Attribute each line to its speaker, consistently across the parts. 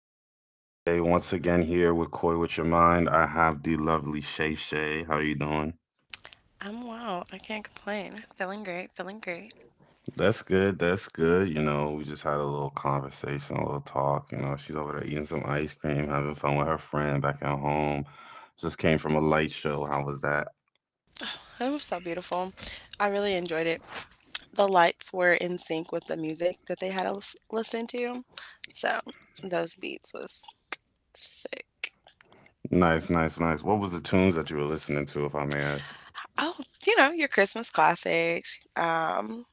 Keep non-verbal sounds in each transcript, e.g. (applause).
Speaker 1: My name is Dante. Once again, here with Koi with Your Mind. I have the lovely Shay Shay. How are you doing?
Speaker 2: I'm. I can't complain. Feeling great. Feeling great.
Speaker 1: That's good. That's good. You know, we just had a little conversation, a little talk. You know, she's over there eating some ice cream, having fun with her friend back at home. Just came from a light show. How was that?
Speaker 2: It was so beautiful. I really enjoyed it. The lights were in sync with the music that they had us listening to. So those beats was sick.
Speaker 1: Nice, nice, nice. What was the tunes that you were listening to, if I may ask?
Speaker 2: Oh, you know, your Christmas classics.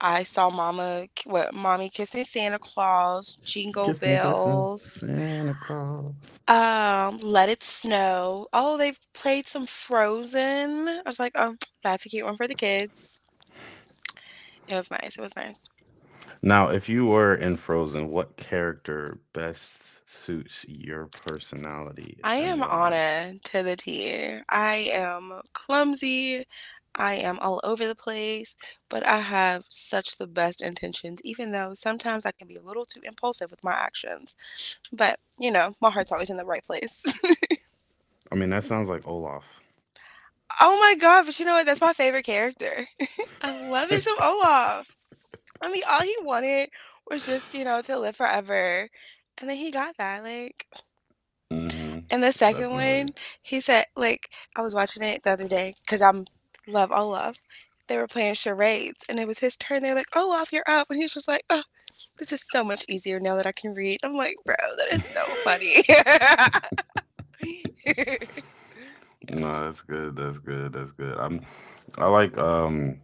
Speaker 2: I saw Mama, what, Mommy Kissing Santa Claus, Jingle
Speaker 1: Kissing, kissing,
Speaker 2: Bells,
Speaker 1: Santa Claus.
Speaker 2: Let It Snow. Oh, they've played some Frozen. I was like, oh, that's a cute one for the kids. It was nice. It was nice.
Speaker 1: Now, if you were in Frozen, what character best suits your personality
Speaker 2: I
Speaker 1: and
Speaker 2: am
Speaker 1: why?
Speaker 2: Anna to the T. I am clumsy. I am all over the place, but I have such the best intentions, even though sometimes I can be a little too impulsive with my actions. But, you know, my heart's always in the right place.
Speaker 1: I mean, that sounds like Olaf.
Speaker 2: (laughs) Oh my god, but you know what? That's my favorite character. (laughs) I love me some Olaf. I mean, all he wanted was just, to live forever. And then he got that. Like,
Speaker 1: Mm-hmm.
Speaker 2: and the second one,
Speaker 1: Definitely.
Speaker 2: he said, like, I was watching it the other day because I'm love all love. They were playing charades, and it was his turn. They're like, "Oh, off, you're up," and he was just like, "Oh, this is so much easier now that I can read." I'm like, "Bro, that is so
Speaker 1: (laughs)
Speaker 2: funny." (laughs)
Speaker 1: No, that's good. That's good. That's good. I like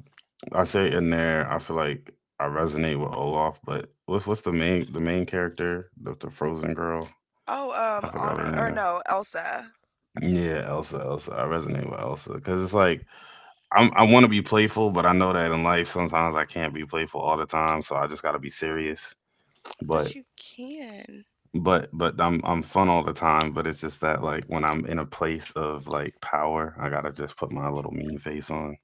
Speaker 1: I say in there, I feel like I resonate with Olaf, but what's the main character, the Frozen girl?
Speaker 2: Oh,
Speaker 1: I forgot her
Speaker 2: Anna or
Speaker 1: name.
Speaker 2: no, Elsa,
Speaker 1: Yeah, Elsa, Elsa. I resonate with Elsa because it's like I want to be playful, but I know that in life sometimes I can't be playful all the time, so I just got to be serious. But
Speaker 2: but you can.
Speaker 1: I'm fun all the time, but it's just that like when I'm in a place of like power, I gotta just put my little mean face on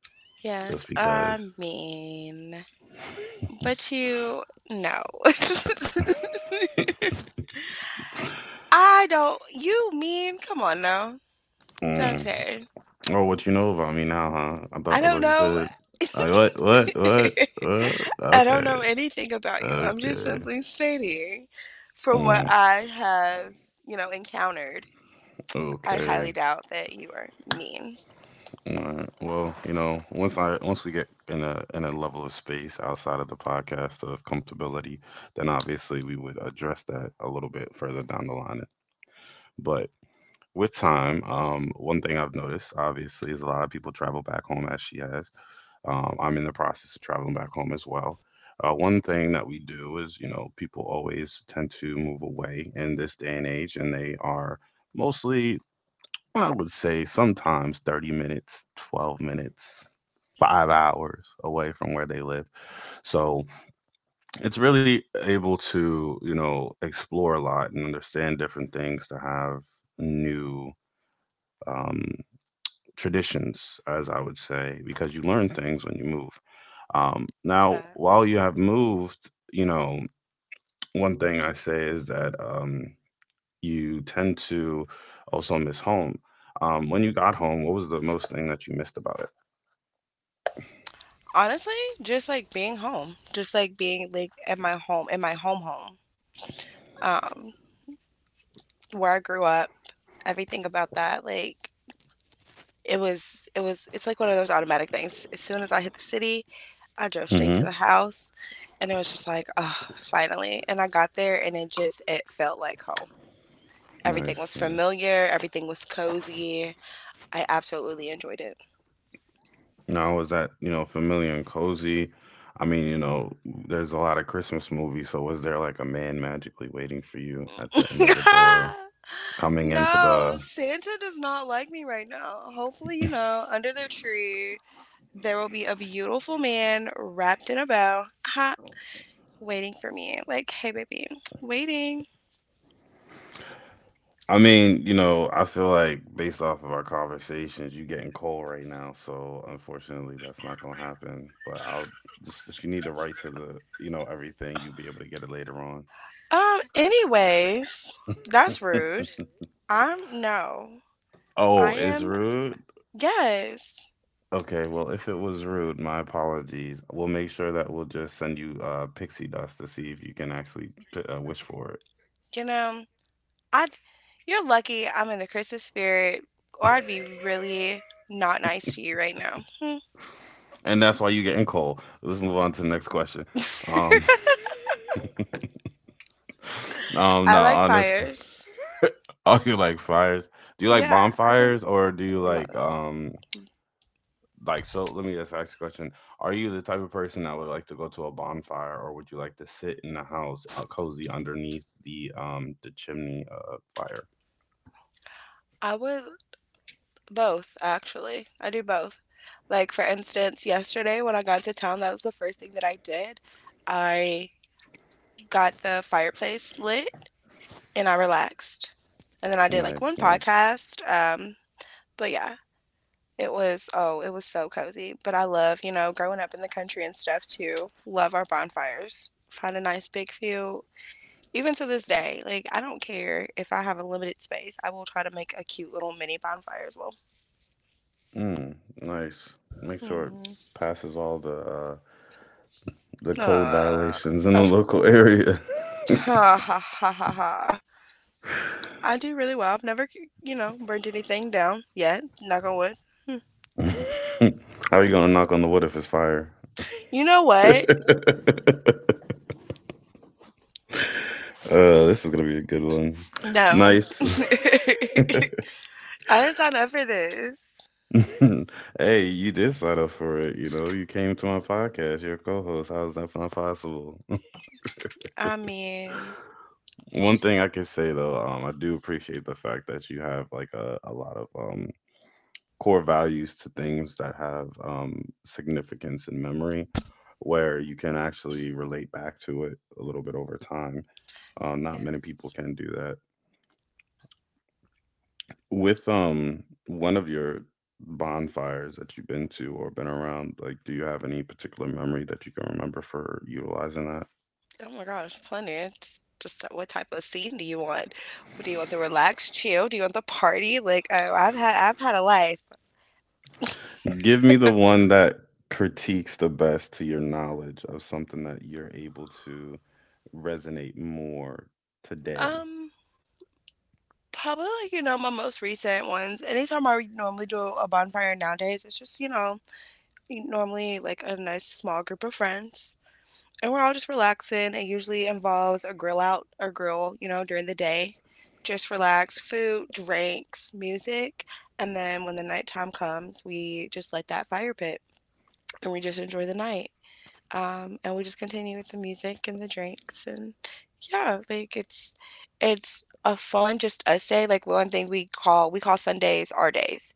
Speaker 2: Yes,
Speaker 1: just
Speaker 2: I
Speaker 1: because.
Speaker 2: mean, but you no. (laughs)
Speaker 1: (laughs)
Speaker 2: I don't. You mean? Come on now,
Speaker 1: Mm.
Speaker 2: Dante.
Speaker 1: Oh, what you know about me now, huh? I
Speaker 2: I
Speaker 1: thought I
Speaker 2: don't
Speaker 1: thought you
Speaker 2: know.
Speaker 1: said
Speaker 2: (laughs)
Speaker 1: like what?
Speaker 2: I don't
Speaker 1: Okay
Speaker 2: know anything about you. I'm just
Speaker 1: okay.
Speaker 2: simply stating from what
Speaker 1: Mm,
Speaker 2: I have, you know, encountered. I
Speaker 1: okay.
Speaker 2: highly doubt that you are mean.
Speaker 1: Alright, well, you know, once we get in a level of space outside of the podcast of comfortability, then obviously we would address that a little bit further down the line. But with time, one thing I've noticed obviously is a lot of people travel back home as she has. I'm in the process of traveling back home as well. One thing that we do is, you know, people always tend to move away in this day and age, and they are mostly I would say sometimes 30 minutes, 12 minutes, 5 hours away from where they live. So it's really able to, you know, explore a lot and understand different things to have new um, traditions, as I would say, because you learn things when you move. Now, while
Speaker 2: Facts.
Speaker 1: you have moved, you know, one thing I say is that you tend to also miss home. When you got home, what was the most thing that you missed about it?
Speaker 2: Honestly, just like being home, just like being like at my home, in my home home, um, where I grew up, everything about that, like it's like one of those automatic things. As soon as I hit the city, I drove straight to the
Speaker 1: Hmm.
Speaker 2: house and it was just like, oh, finally. And I got there and it just it felt like home. Everything
Speaker 1: Nice,
Speaker 2: was
Speaker 1: nice.
Speaker 2: familiar, everything was cozy. I absolutely enjoyed it.
Speaker 1: Now, was that, you know, familiar and cozy? I mean, you know, there's a lot of Christmas movies, so was there like a man magically waiting for you at the end of the
Speaker 2: (laughs)
Speaker 1: door coming into
Speaker 2: No,
Speaker 1: the
Speaker 2: Santa does not like me right now. Hopefully, you know, under their tree, there will be a beautiful man wrapped in a bow, ha, waiting for me. Like, hey baby, waiting.
Speaker 1: I mean, you know, I feel like based off of our conversations, you getting cold right now, so unfortunately that's not gonna happen. But I'll just if you need to write to the, everything, you'll be able to get it later on.
Speaker 2: Anyways, that's rude. I'm no. I
Speaker 1: Oh,
Speaker 2: am.
Speaker 1: Israel?
Speaker 2: Yes.
Speaker 1: Okay, well, if it was rude, my apologies. We'll make sure that we'll just send you pixie dust to see if you can actually wish for
Speaker 2: You know, I you're lucky I'm in the Christmas spirit
Speaker 1: it.
Speaker 2: or I'd be really not nice to you right now. Hmm.
Speaker 1: (laughs) And that's why you're getting cold. Let's move on to the next question. Um, (laughs)
Speaker 2: (laughs)
Speaker 1: no,
Speaker 2: I like
Speaker 1: honest. (laughs)
Speaker 2: fires.
Speaker 1: Are you like fires? Do you like
Speaker 2: Yeah, I can
Speaker 1: bonfires or do you
Speaker 2: love.
Speaker 1: like so? Let me just ask you a question. Are you the type of person that would like to go to a bonfire or would you like to sit in the house, cozy underneath the chimney fire?
Speaker 2: I would both actually. I do both. Like for instance, yesterday when I got to town, that was the first thing that I did. I got the fireplace lit and I relaxed. And then I did like one
Speaker 1: Nice, nice.
Speaker 2: podcast. But yeah. It was, oh, it was so cozy. But I love, you know, growing up in the country and stuff too. Love our bonfires. Find a nice big field. Even to this day, like, I don't care if I have a limited space, I will try to make a cute little mini bonfire as well.
Speaker 1: Mm, nice. Make sure it
Speaker 2: hmm
Speaker 1: passes all the code
Speaker 2: Uh,
Speaker 1: violations in the
Speaker 2: of
Speaker 1: local
Speaker 2: course.
Speaker 1: area.
Speaker 2: Ha ha ha ha ha. I do really well. I've never, you know, burned anything down yet. Knock on wood.
Speaker 1: (laughs) How are you gonna knock on the wood if it's fire?
Speaker 2: You know what?
Speaker 1: (laughs) Uh, this is gonna be a good one.
Speaker 2: No.
Speaker 1: Nice.
Speaker 2: (laughs) I didn't sign up for this.
Speaker 1: (laughs) Hey, you did sign up for it. You know, you came to my podcast. You're a co-host. How is that not possible? (laughs)
Speaker 2: I mean,
Speaker 1: One thing I can say though, I do appreciate the fact that you have like a lot of core values to things that have significance in memory where you can actually relate back to it a little bit over time. Not
Speaker 2: yeah.
Speaker 1: many people can do that. With one of your bonfires that you've been to or been around, like, do you have any particular memory that you can remember for utilizing that?
Speaker 2: Oh my gosh, plenty. It's just what type of scene do you want? Do you want the relaxed chill? Do you want the party? Like oh, I've had a life.
Speaker 1: Give me the one that critiques the best to your knowledge of something that you're able to resonate more today.
Speaker 2: Um, probably like, you know, my most recent ones. Anytime I normally do a bonfire nowadays, it's just, you know, normally like a nice small group of friends, and we're all just relaxing. It usually involves a grill out or grill, you know, during the day. Just relax, food, drinks, music, and then when the nighttime comes, we just light that fire pit and we just enjoy the night. And we just continue with the music and the drinks and yeah, like it's a fun just us day. Like one thing we call Sundays our days.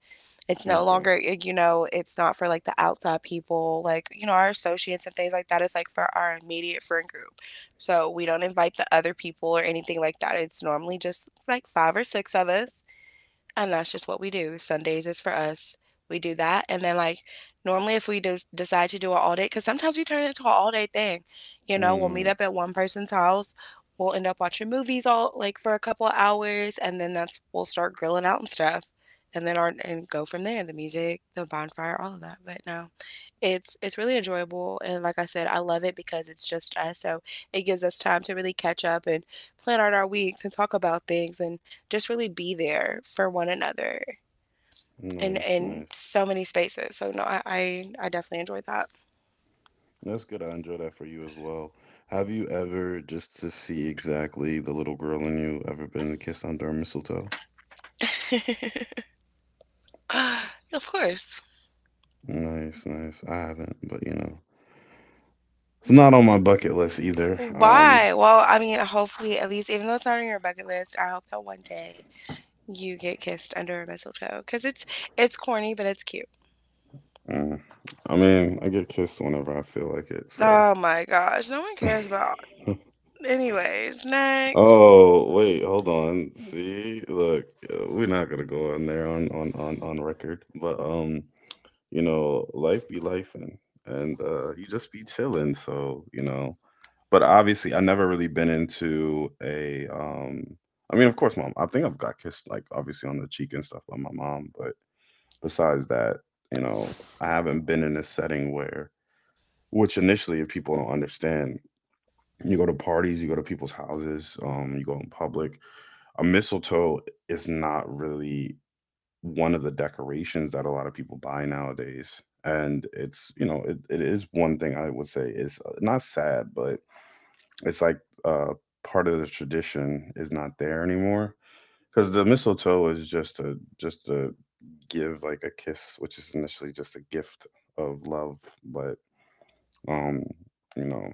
Speaker 2: It's no
Speaker 1: Okay.
Speaker 2: longer, you know, it's not for like the outside people, like, you know, our associates and things like that. It's like for our immediate friend group. So we don't invite the other people or anything like that. It's normally just like five or six of us and that's just what we do. Sundays is for us. We do that, and then like normally if we do decide to do an all day, because sometimes we turn it into an all day thing. You know, we'll meet up at one person's house. We'll end up watching movies all like for a couple of hours, and then that's we'll start grilling out and stuff, and then our and go from there. The music, the bonfire, all of that. But no, it's really enjoyable, and like I said, I love it because it's just us. So it gives us time to really catch up and plan out our weeks and talk about things and just really be there for one another in
Speaker 1: Nice, nice.
Speaker 2: so many spaces. So no, I definitely enjoyed that.
Speaker 1: That's good. I enjoy that for you as well. Have you ever, just to see exactly the little girl in you, ever been kissed under a mistletoe?
Speaker 2: Of course.
Speaker 1: Nice, nice. I haven't, but you know, it's not on my bucket list either.
Speaker 2: Why? Well, I mean, hopefully, at least, even though it's not on your bucket list, I hope that one day you get kissed under a mistletoe because it's corny, but it's cute.
Speaker 1: Mm. I mean, I get kissed whenever I feel like it, so.
Speaker 2: Oh my gosh, no one cares about. Anyways, next.
Speaker 1: Oh, wait, hold on. See, look, we're not gonna go on there on record, but you know, life be life and you just be chilling, so you know. But obviously I never really been into a I mean of course mom I think I've got kissed like obviously on the cheek and stuff by my mom but besides that you know I haven't been in a setting where which initially if people don't understand you go to parties you go to people's houses you go in public a mistletoe is not really one of the decorations that a lot of people buy nowadays and it's you know it is one thing I would say is not sad but it's like uh, part of the tradition is not there anymore because the mistletoe is just a just to give like a kiss, which is initially just a gift of love, but um, you know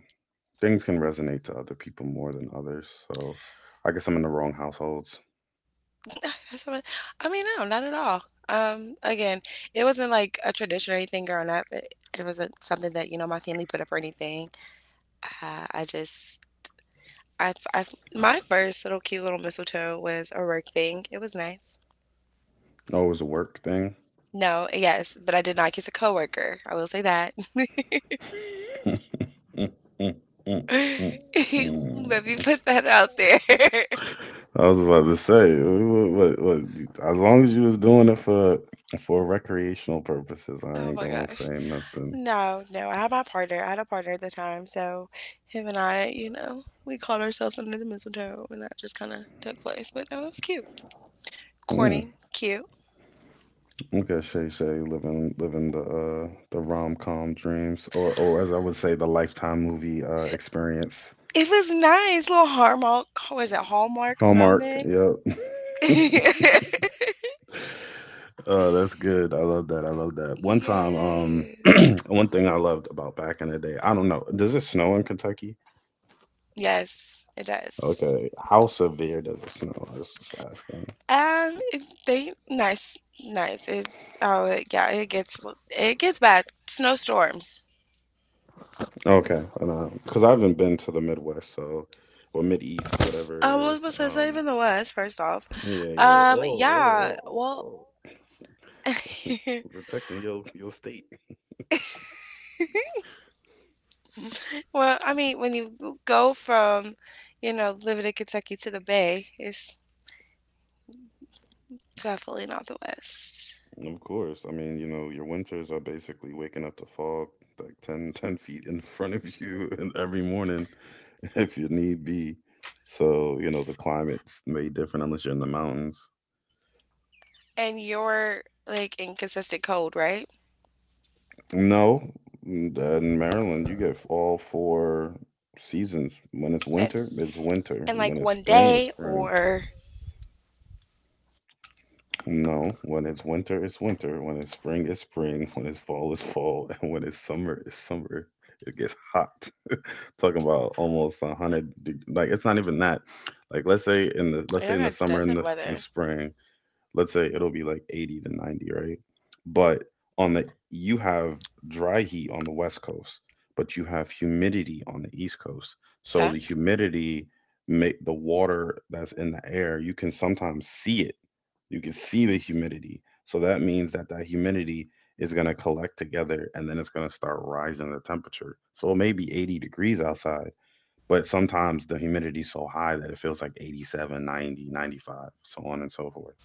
Speaker 1: things can resonate to other people more than others. So I guess I'm in the wrong households.
Speaker 2: (laughs) I mean, no, not at all. Again, it wasn't like a tradition or anything growing up. It wasn't something that, you know, my family put up or anything. I just, my first little cute little mistletoe was a work thing. It was nice.
Speaker 1: Oh, it was a work thing.
Speaker 2: No, yes, but I did not kiss a coworker. I will say that.
Speaker 1: (laughs) Mm, mm, mm, mm,
Speaker 2: (laughs) Let me
Speaker 1: mm.
Speaker 2: put that out there. (laughs)
Speaker 1: I was about to say, as long as you was doing it for recreational purposes, I
Speaker 2: Oh
Speaker 1: ain't
Speaker 2: my
Speaker 1: gonna
Speaker 2: gosh.
Speaker 1: say nothing.
Speaker 2: No, no, I had my partner. I had a partner at the time, so him and I, you know, we called ourselves under the mistletoe, and that just kind of took place. But no, it was cute.
Speaker 1: Mm,
Speaker 2: Corny, cute.
Speaker 1: okay, Shay Shay, living the rom com dreams, or as I would say, the lifetime movie experience.
Speaker 2: It was nice, little hallmark. What was it? Hallmark
Speaker 1: Hallmark,
Speaker 2: moment.
Speaker 1: yep.
Speaker 2: (laughs)
Speaker 1: That's good. I love that. I love that. One time, (clears throat)
Speaker 2: Yes.
Speaker 1: one thing I loved about back in the day, I don't know, does it snow in Kentucky?
Speaker 2: Yes, it does.
Speaker 1: Okay, how severe does it snow? I was just asking.
Speaker 2: They nice, nice. It's oh yeah, it gets bad. Snowstorms.
Speaker 1: Okay, and because I haven't been to the Midwest, so or Mid East, whatever it
Speaker 2: What
Speaker 1: is.
Speaker 2: was this? Not even the worst? First off,
Speaker 1: Yeah, yeah, yeah. Whoa, whoa,
Speaker 2: yeah.
Speaker 1: whoa, whoa,
Speaker 2: Well,
Speaker 1: whoa.
Speaker 2: (laughs)
Speaker 1: Protecting your state.
Speaker 2: well, I mean, when you go from, you know, living in Kentucky to the Bay, it's definitely not the West.
Speaker 1: Of course. I mean, you know, your winters are basically waking up to fog like 10 feet in (laughs) front of you (laughs) and every morning (laughs) if you need be. So, you know, the climate's made different unless you're in the mountains.
Speaker 2: And you're like in consistent cold, right?
Speaker 1: No, in Maryland, you get all four seasons. When it's
Speaker 2: And,
Speaker 1: winter, it's winter.
Speaker 2: and
Speaker 1: When
Speaker 2: like
Speaker 1: it's
Speaker 2: one
Speaker 1: spring, it's
Speaker 2: day
Speaker 1: spring.
Speaker 2: or
Speaker 1: No, when it's winter, it's winter. When it's spring, it's spring. When it's fall, it's fall. (laughs) And when it's summer, it's summer. It gets hot. Talking about almost a hundred. Like it's not even that. Like let's say
Speaker 2: y'all
Speaker 1: in the
Speaker 2: got
Speaker 1: summer and
Speaker 2: desert
Speaker 1: the
Speaker 2: weather.
Speaker 1: spring, let's say it'll be like 80 to 90, right? But on the you have dry heat on the west coast, but you have humidity on the east coast. So the
Speaker 2: Facts?
Speaker 1: humidity make the water that's in the air, you can sometimes see it. You can see the humidity. So that means that that humidity is going to collect together and then it's going to start rising the temperature. So it may be 80 degrees outside, but sometimes the humidity is so high that it feels like 87, 90, 95, so on and so forth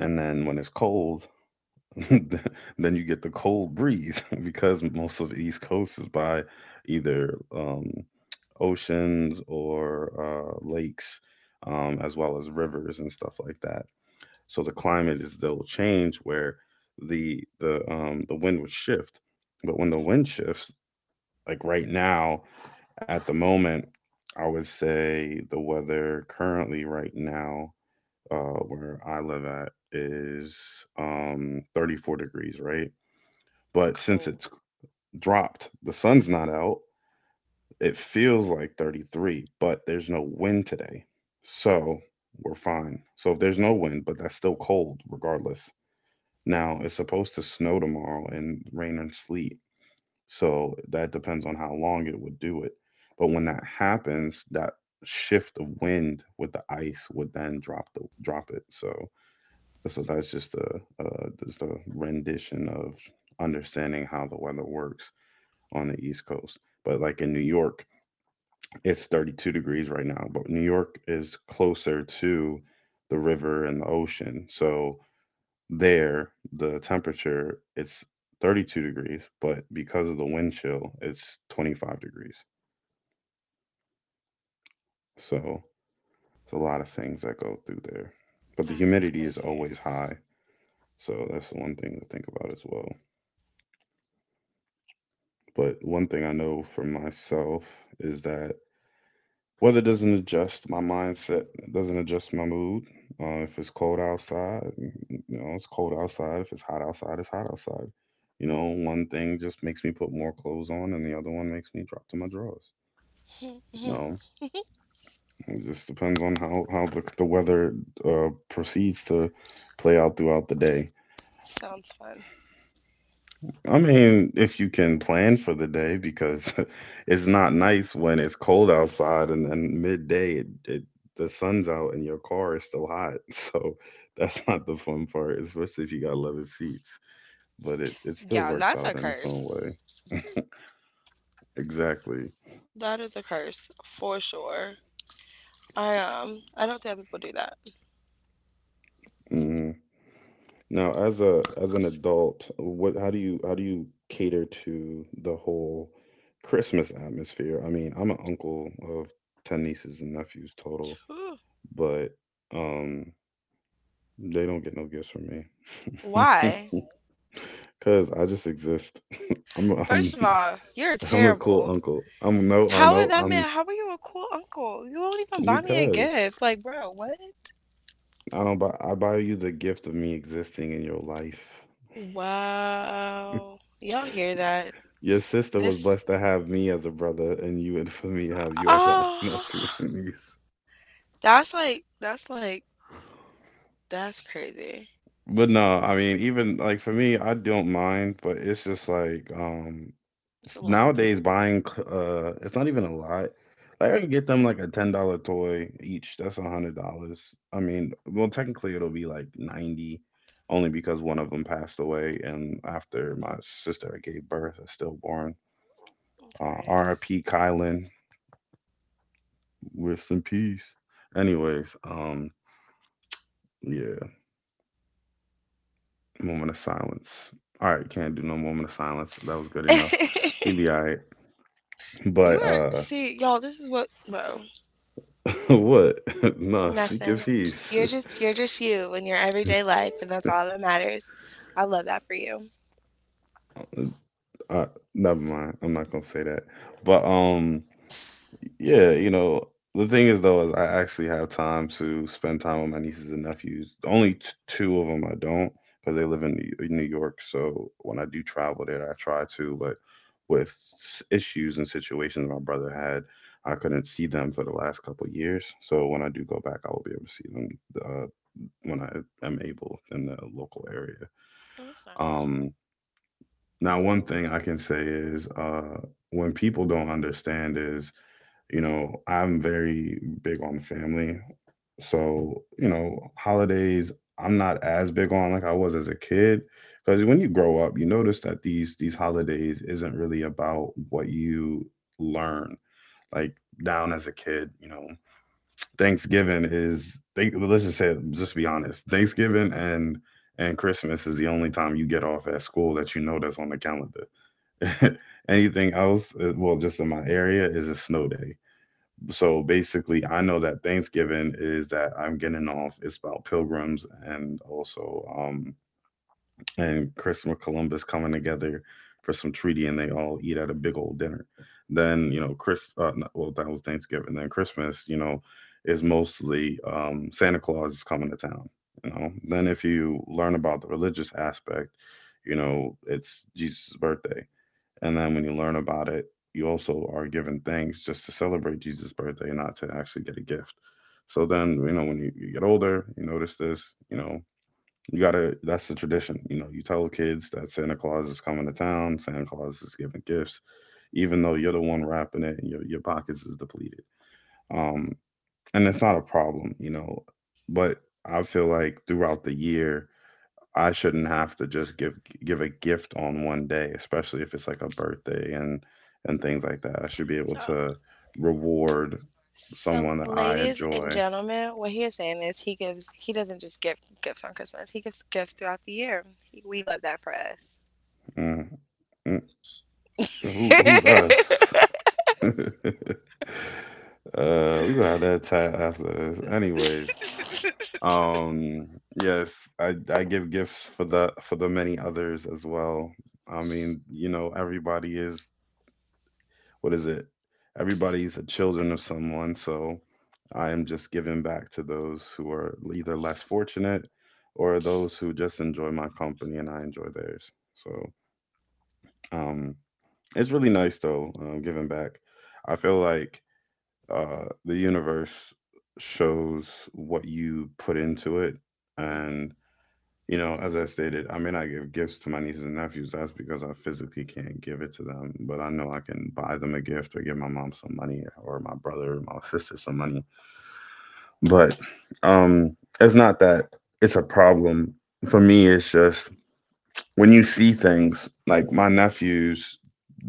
Speaker 1: and then when it's cold (laughs) then you get the cold breeze (laughs) because most of the east coast is by either oceans or lakes as well as rivers and stuff like that so the climate is still change where the wind would shift but when the
Speaker 2: Mm,
Speaker 1: wind shifts like right now at the moment I would say the weather currently right now uh, where I live at is 34 degrees, right? But since it's
Speaker 2: cold.
Speaker 1: dropped, the sun's not out. It feels like 33, but there's no wind today. So we're fine. So if there's no wind, but that's still cold regardless. Now it's supposed to snow tomorrow and rain and sleet. So that depends on how long it would do it. But when that happens, that shift of wind with the ice would then drop the drop it. So that's just just a rendition of understanding how the weather works on the East Coast. But like in New York, it's 32 degrees right now, but New York is closer to the river and the ocean. So there, the temperature it's 32 degrees, but because of the wind chill, it's 25 degrees. So it's a lot of things that go through there. But the
Speaker 2: That's
Speaker 1: humidity is
Speaker 2: crazy.
Speaker 1: always high. So that's the one thing to think about as well. But one thing I know for myself is that weather doesn't adjust my mindset, it doesn't adjust my mood. If it's cold outside, it's cold outside. If it's hot outside, it's hot outside. You know, one thing just makes me put more clothes on, and the other one makes me drop to my drawers. You
Speaker 2: Mhm.
Speaker 1: know, it just depends on how the weather proceeds to play out throughout the day.
Speaker 2: Sounds fun.
Speaker 1: I mean, if you can plan for the day, because (laughs) it's not nice when it's cold outside and then midday it the sun's out and your car is still hot. (laughs) So that's not the fun part, especially if you got leather seats. But it still
Speaker 2: Yeah,
Speaker 1: works
Speaker 2: that's a
Speaker 1: out in its own
Speaker 2: curse.
Speaker 1: way. Exactly.
Speaker 2: That is a curse for sure. I don't see how people do that.
Speaker 1: Hmm. Now, as a as an adult, what how do you cater to the whole Christmas atmosphere? I mean, I'm an uncle of ten nieces and nephews total,
Speaker 2: Whew.
Speaker 1: but um they don't get no gifts from me. (laughs)
Speaker 2: Why?
Speaker 1: Cause I just exist. I'm
Speaker 2: First of all, you're
Speaker 1: (laughs) I'm the cool
Speaker 2: terrible.
Speaker 1: uncle. I'm no I
Speaker 2: How would
Speaker 1: no
Speaker 2: that
Speaker 1: I'm
Speaker 2: man? How are you a cool uncle? You won't even buy me a
Speaker 1: because
Speaker 2: gift. Like, bro, what?
Speaker 1: I don't buy I buy you the gift of me existing in your life.
Speaker 2: Wow. Y'all hear that?
Speaker 1: Your sister was
Speaker 2: This
Speaker 1: blessed to have me as a brother and you and (laughs) for me to have you as a (laughs) nephew
Speaker 2: oh
Speaker 1: and niece.
Speaker 2: that's like that's crazy.
Speaker 1: But no, I mean even like for me I don't mind, but it's just like
Speaker 2: It's a lot though.
Speaker 1: nowadays it's not even a lot, like I can get them like a $10 toy each. That's $100. I mean, well, technically it'll be like 90, only because one of them passed away and after my sister gave birth a stillborn.
Speaker 2: I'm sorry to hear that.
Speaker 1: RIP Kylan. Rest in peace. Anyways, yeah. Moment of silence. All right, can't do no moment of silence. That was good enough. He
Speaker 2: (laughs)
Speaker 1: be all right.
Speaker 2: You
Speaker 1: But
Speaker 2: are, see, y'all, this is what, bro,
Speaker 1: (laughs) what (laughs) no speak of
Speaker 2: nothing,
Speaker 1: peace.
Speaker 2: you're just, you're just you in your everyday
Speaker 1: (laughs)
Speaker 2: life and that's all that matters. I love that for you.
Speaker 1: Uh, Never mind. I'm not gonna say that. But yeah, you know, the thing is though, is I actually have time to spend time with my nieces and nephews. Two of them I don't, because they live in New York. So when I do travel there, I try to. But with issues and situations my brother had, I couldn't see them for the last couple of years. So when I do go back, I will be able to see them, uh, when I am able, in the local area.
Speaker 2: Oh, that's nice.
Speaker 1: Um, Now, one thing I can say is, when people don't understand is, you know, I'm very big on family. So, you know, holidays I'm not as big on like I was as a kid. Because when you grow up, you notice that these holidays isn't really about what you learn. Like down as a kid, you know, Thanksgiving is they, let's just say, just be honest. Thanksgiving and Christmas is the only time you get off at school that you know that's on the calendar. (laughs) Anything else, well, just in my area, is a snow day. So basically, I know that Thanksgiving is that I'm getting off. It's about pilgrims and also and Christopher Columbus coming together for some treaty, and they all eat at a big old dinner. Then you know, Chris. No, well, that was Thanksgiving. Then Christmas, you know, is mostly Santa Claus is coming to town. You know. Then if you learn about the religious aspect, you know, it's Jesus' birthday, and then when you learn about it, you also are given things just to celebrate Jesus' birthday, not to actually get a gift. So then, you know, when you get older, you notice this. You know, you gotta, that's the tradition. You know, you tell kids that Santa Claus is coming to town, Santa Claus is giving gifts, even though you're the one wrapping it, and your pockets is depleted. Um, and it's not a problem, you know, but I feel like throughout the year, I shouldn't have to just give a gift on one day, especially if it's like a birthday and things like that. I should be able
Speaker 2: So,
Speaker 1: to reward
Speaker 2: so,
Speaker 1: someone that I
Speaker 2: ladies and
Speaker 1: enjoy.
Speaker 2: gentlemen, what he is saying is he doesn't just give gifts on Christmas, he gives gifts throughout the year. He, we love that for us.
Speaker 1: Mm, mm, who, who's
Speaker 2: (laughs)
Speaker 1: us? (laughs) uh, we gonna have that chat after this, anyways. Um, yes, I give gifts for the many others as well. I mean, you know, everybody is, what is it? Everybody's a children of someone, so I am just giving back to those who are either less fortunate or those who just enjoy my company and I enjoy theirs. So um, it's really nice though, giving back. I feel like the universe shows what you put into it,
Speaker 2: hmm
Speaker 1: and you know, as I stated, I may not give gifts to my nieces and nephews. That's because I physically can't give it to them, but I know I can buy them a gift or give my mom some money or my brother, my sister some money. But um it's not that it's a problem. For me, it's just when you see things like my nephews,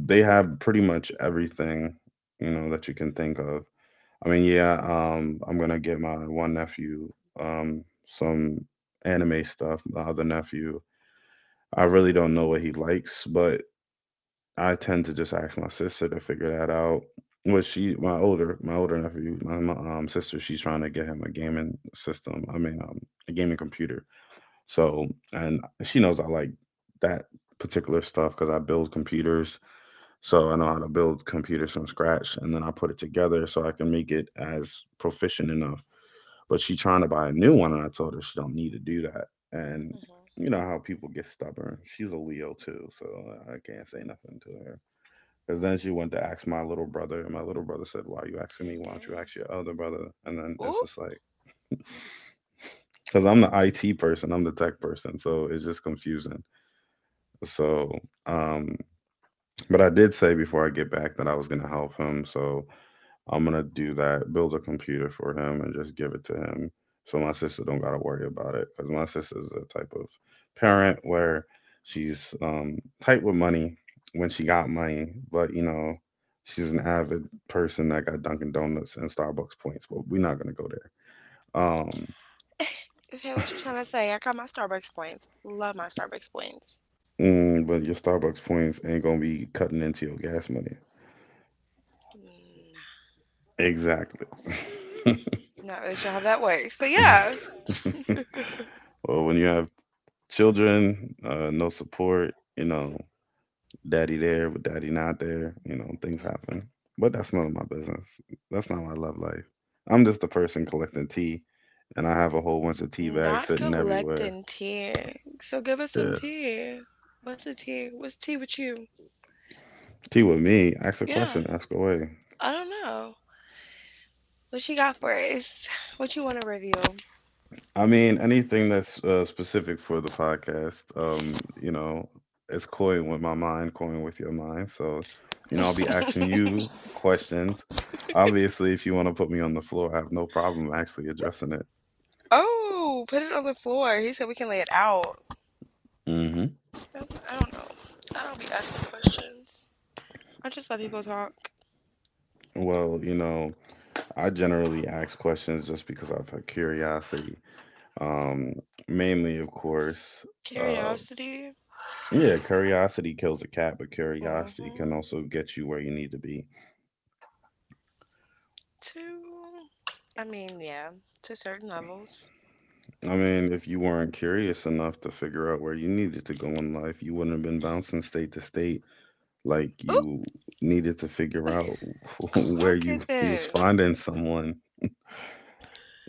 Speaker 1: they have pretty much everything, you know, that you can think of. I mean, yeah, I'm going to get my one nephew um some anime stuff. My other nephew I really don't know what he likes, but I tend to just ask my sister to figure that out. My older nephew, my sister, she's trying to get him a gaming system. I mean, a gaming computer. So, and she knows I like that particular stuff because I build computers. So I know how to build computers from scratch, and then I put it together so I can make it as proficient enough. But she trying to buy a new one, and I told her she don't need to do that. And
Speaker 2: hmm
Speaker 1: you know how people get stubborn. She's a Leo too, so I can't say nothing to her. Because then she went to ask my little brother, and my little brother said, "Why are you asking me?
Speaker 2: gang
Speaker 1: Why don't you
Speaker 2: gang
Speaker 1: ask your other brother?" And then it's
Speaker 2: ooh.
Speaker 1: just like, because I'm the IT person, I'm the tech person, so it's just confusing. So, um, but I did say before I get back that I was gonna help him. So I'm gonna do that, build a computer for him, and just give it to him, so my sister don't gotta worry about it. Cause my sister's a type of parent where she's tight with money when she got money, but you know she's an avid person that got Dunkin' Donuts and Starbucks points. But we're not gonna go there.
Speaker 2: (laughs) Is that what you trying to say? I got my Starbucks points, love my Starbucks points.
Speaker 1: Mm, but your Starbucks points ain't gonna be cutting into your gas money.
Speaker 2: Mm,
Speaker 1: Exactly. (laughs)
Speaker 2: not really sure how that works, but yeah.
Speaker 1: Well, when you have children, no support, you know, daddy there but daddy not there. You know, things happen. But that's none of my business. That's not my love life. I'm just a person collecting tea, and I have a whole bunch of tea bags
Speaker 2: Not
Speaker 1: sitting everywhere.
Speaker 2: collecting tea. So give us some
Speaker 1: Yeah.
Speaker 2: tea. What's the tea? What's tea with you?
Speaker 1: Tea with me. Ask a
Speaker 2: Yeah,
Speaker 1: question. Ask away.
Speaker 2: I don't know. What you got for us? What you want to review?
Speaker 1: I mean, anything that's specific for the podcast, you know, it's coin with my mind, coin with your mind. So, you know, I'll be asking
Speaker 2: (laughs)
Speaker 1: you questions. Obviously, if you want to put me on the floor, I have no problem actually addressing it.
Speaker 2: oh, put it on the floor. He said we can lay it out.
Speaker 1: Hmm.
Speaker 2: I don't know. I don't be asking questions. I just let people talk.
Speaker 1: Well, you know, I generally ask questions just because I've had curiosity. Um, Mainly, of course, uh,
Speaker 2: Curiosity.
Speaker 1: yeah, curiosity kills a cat, but curiosity can
Speaker 2: Mm-hmm.
Speaker 1: also get you where you need to be.
Speaker 2: To, I mean, yeah, to certain levels.
Speaker 1: I mean, if you weren't curious enough to figure out where you needed to go in life, you wouldn't have been bouncing state to state like
Speaker 2: Ooh,
Speaker 1: you needed to figure out (laughs) where
Speaker 2: clock it
Speaker 1: you was
Speaker 2: then.
Speaker 1: finding someone,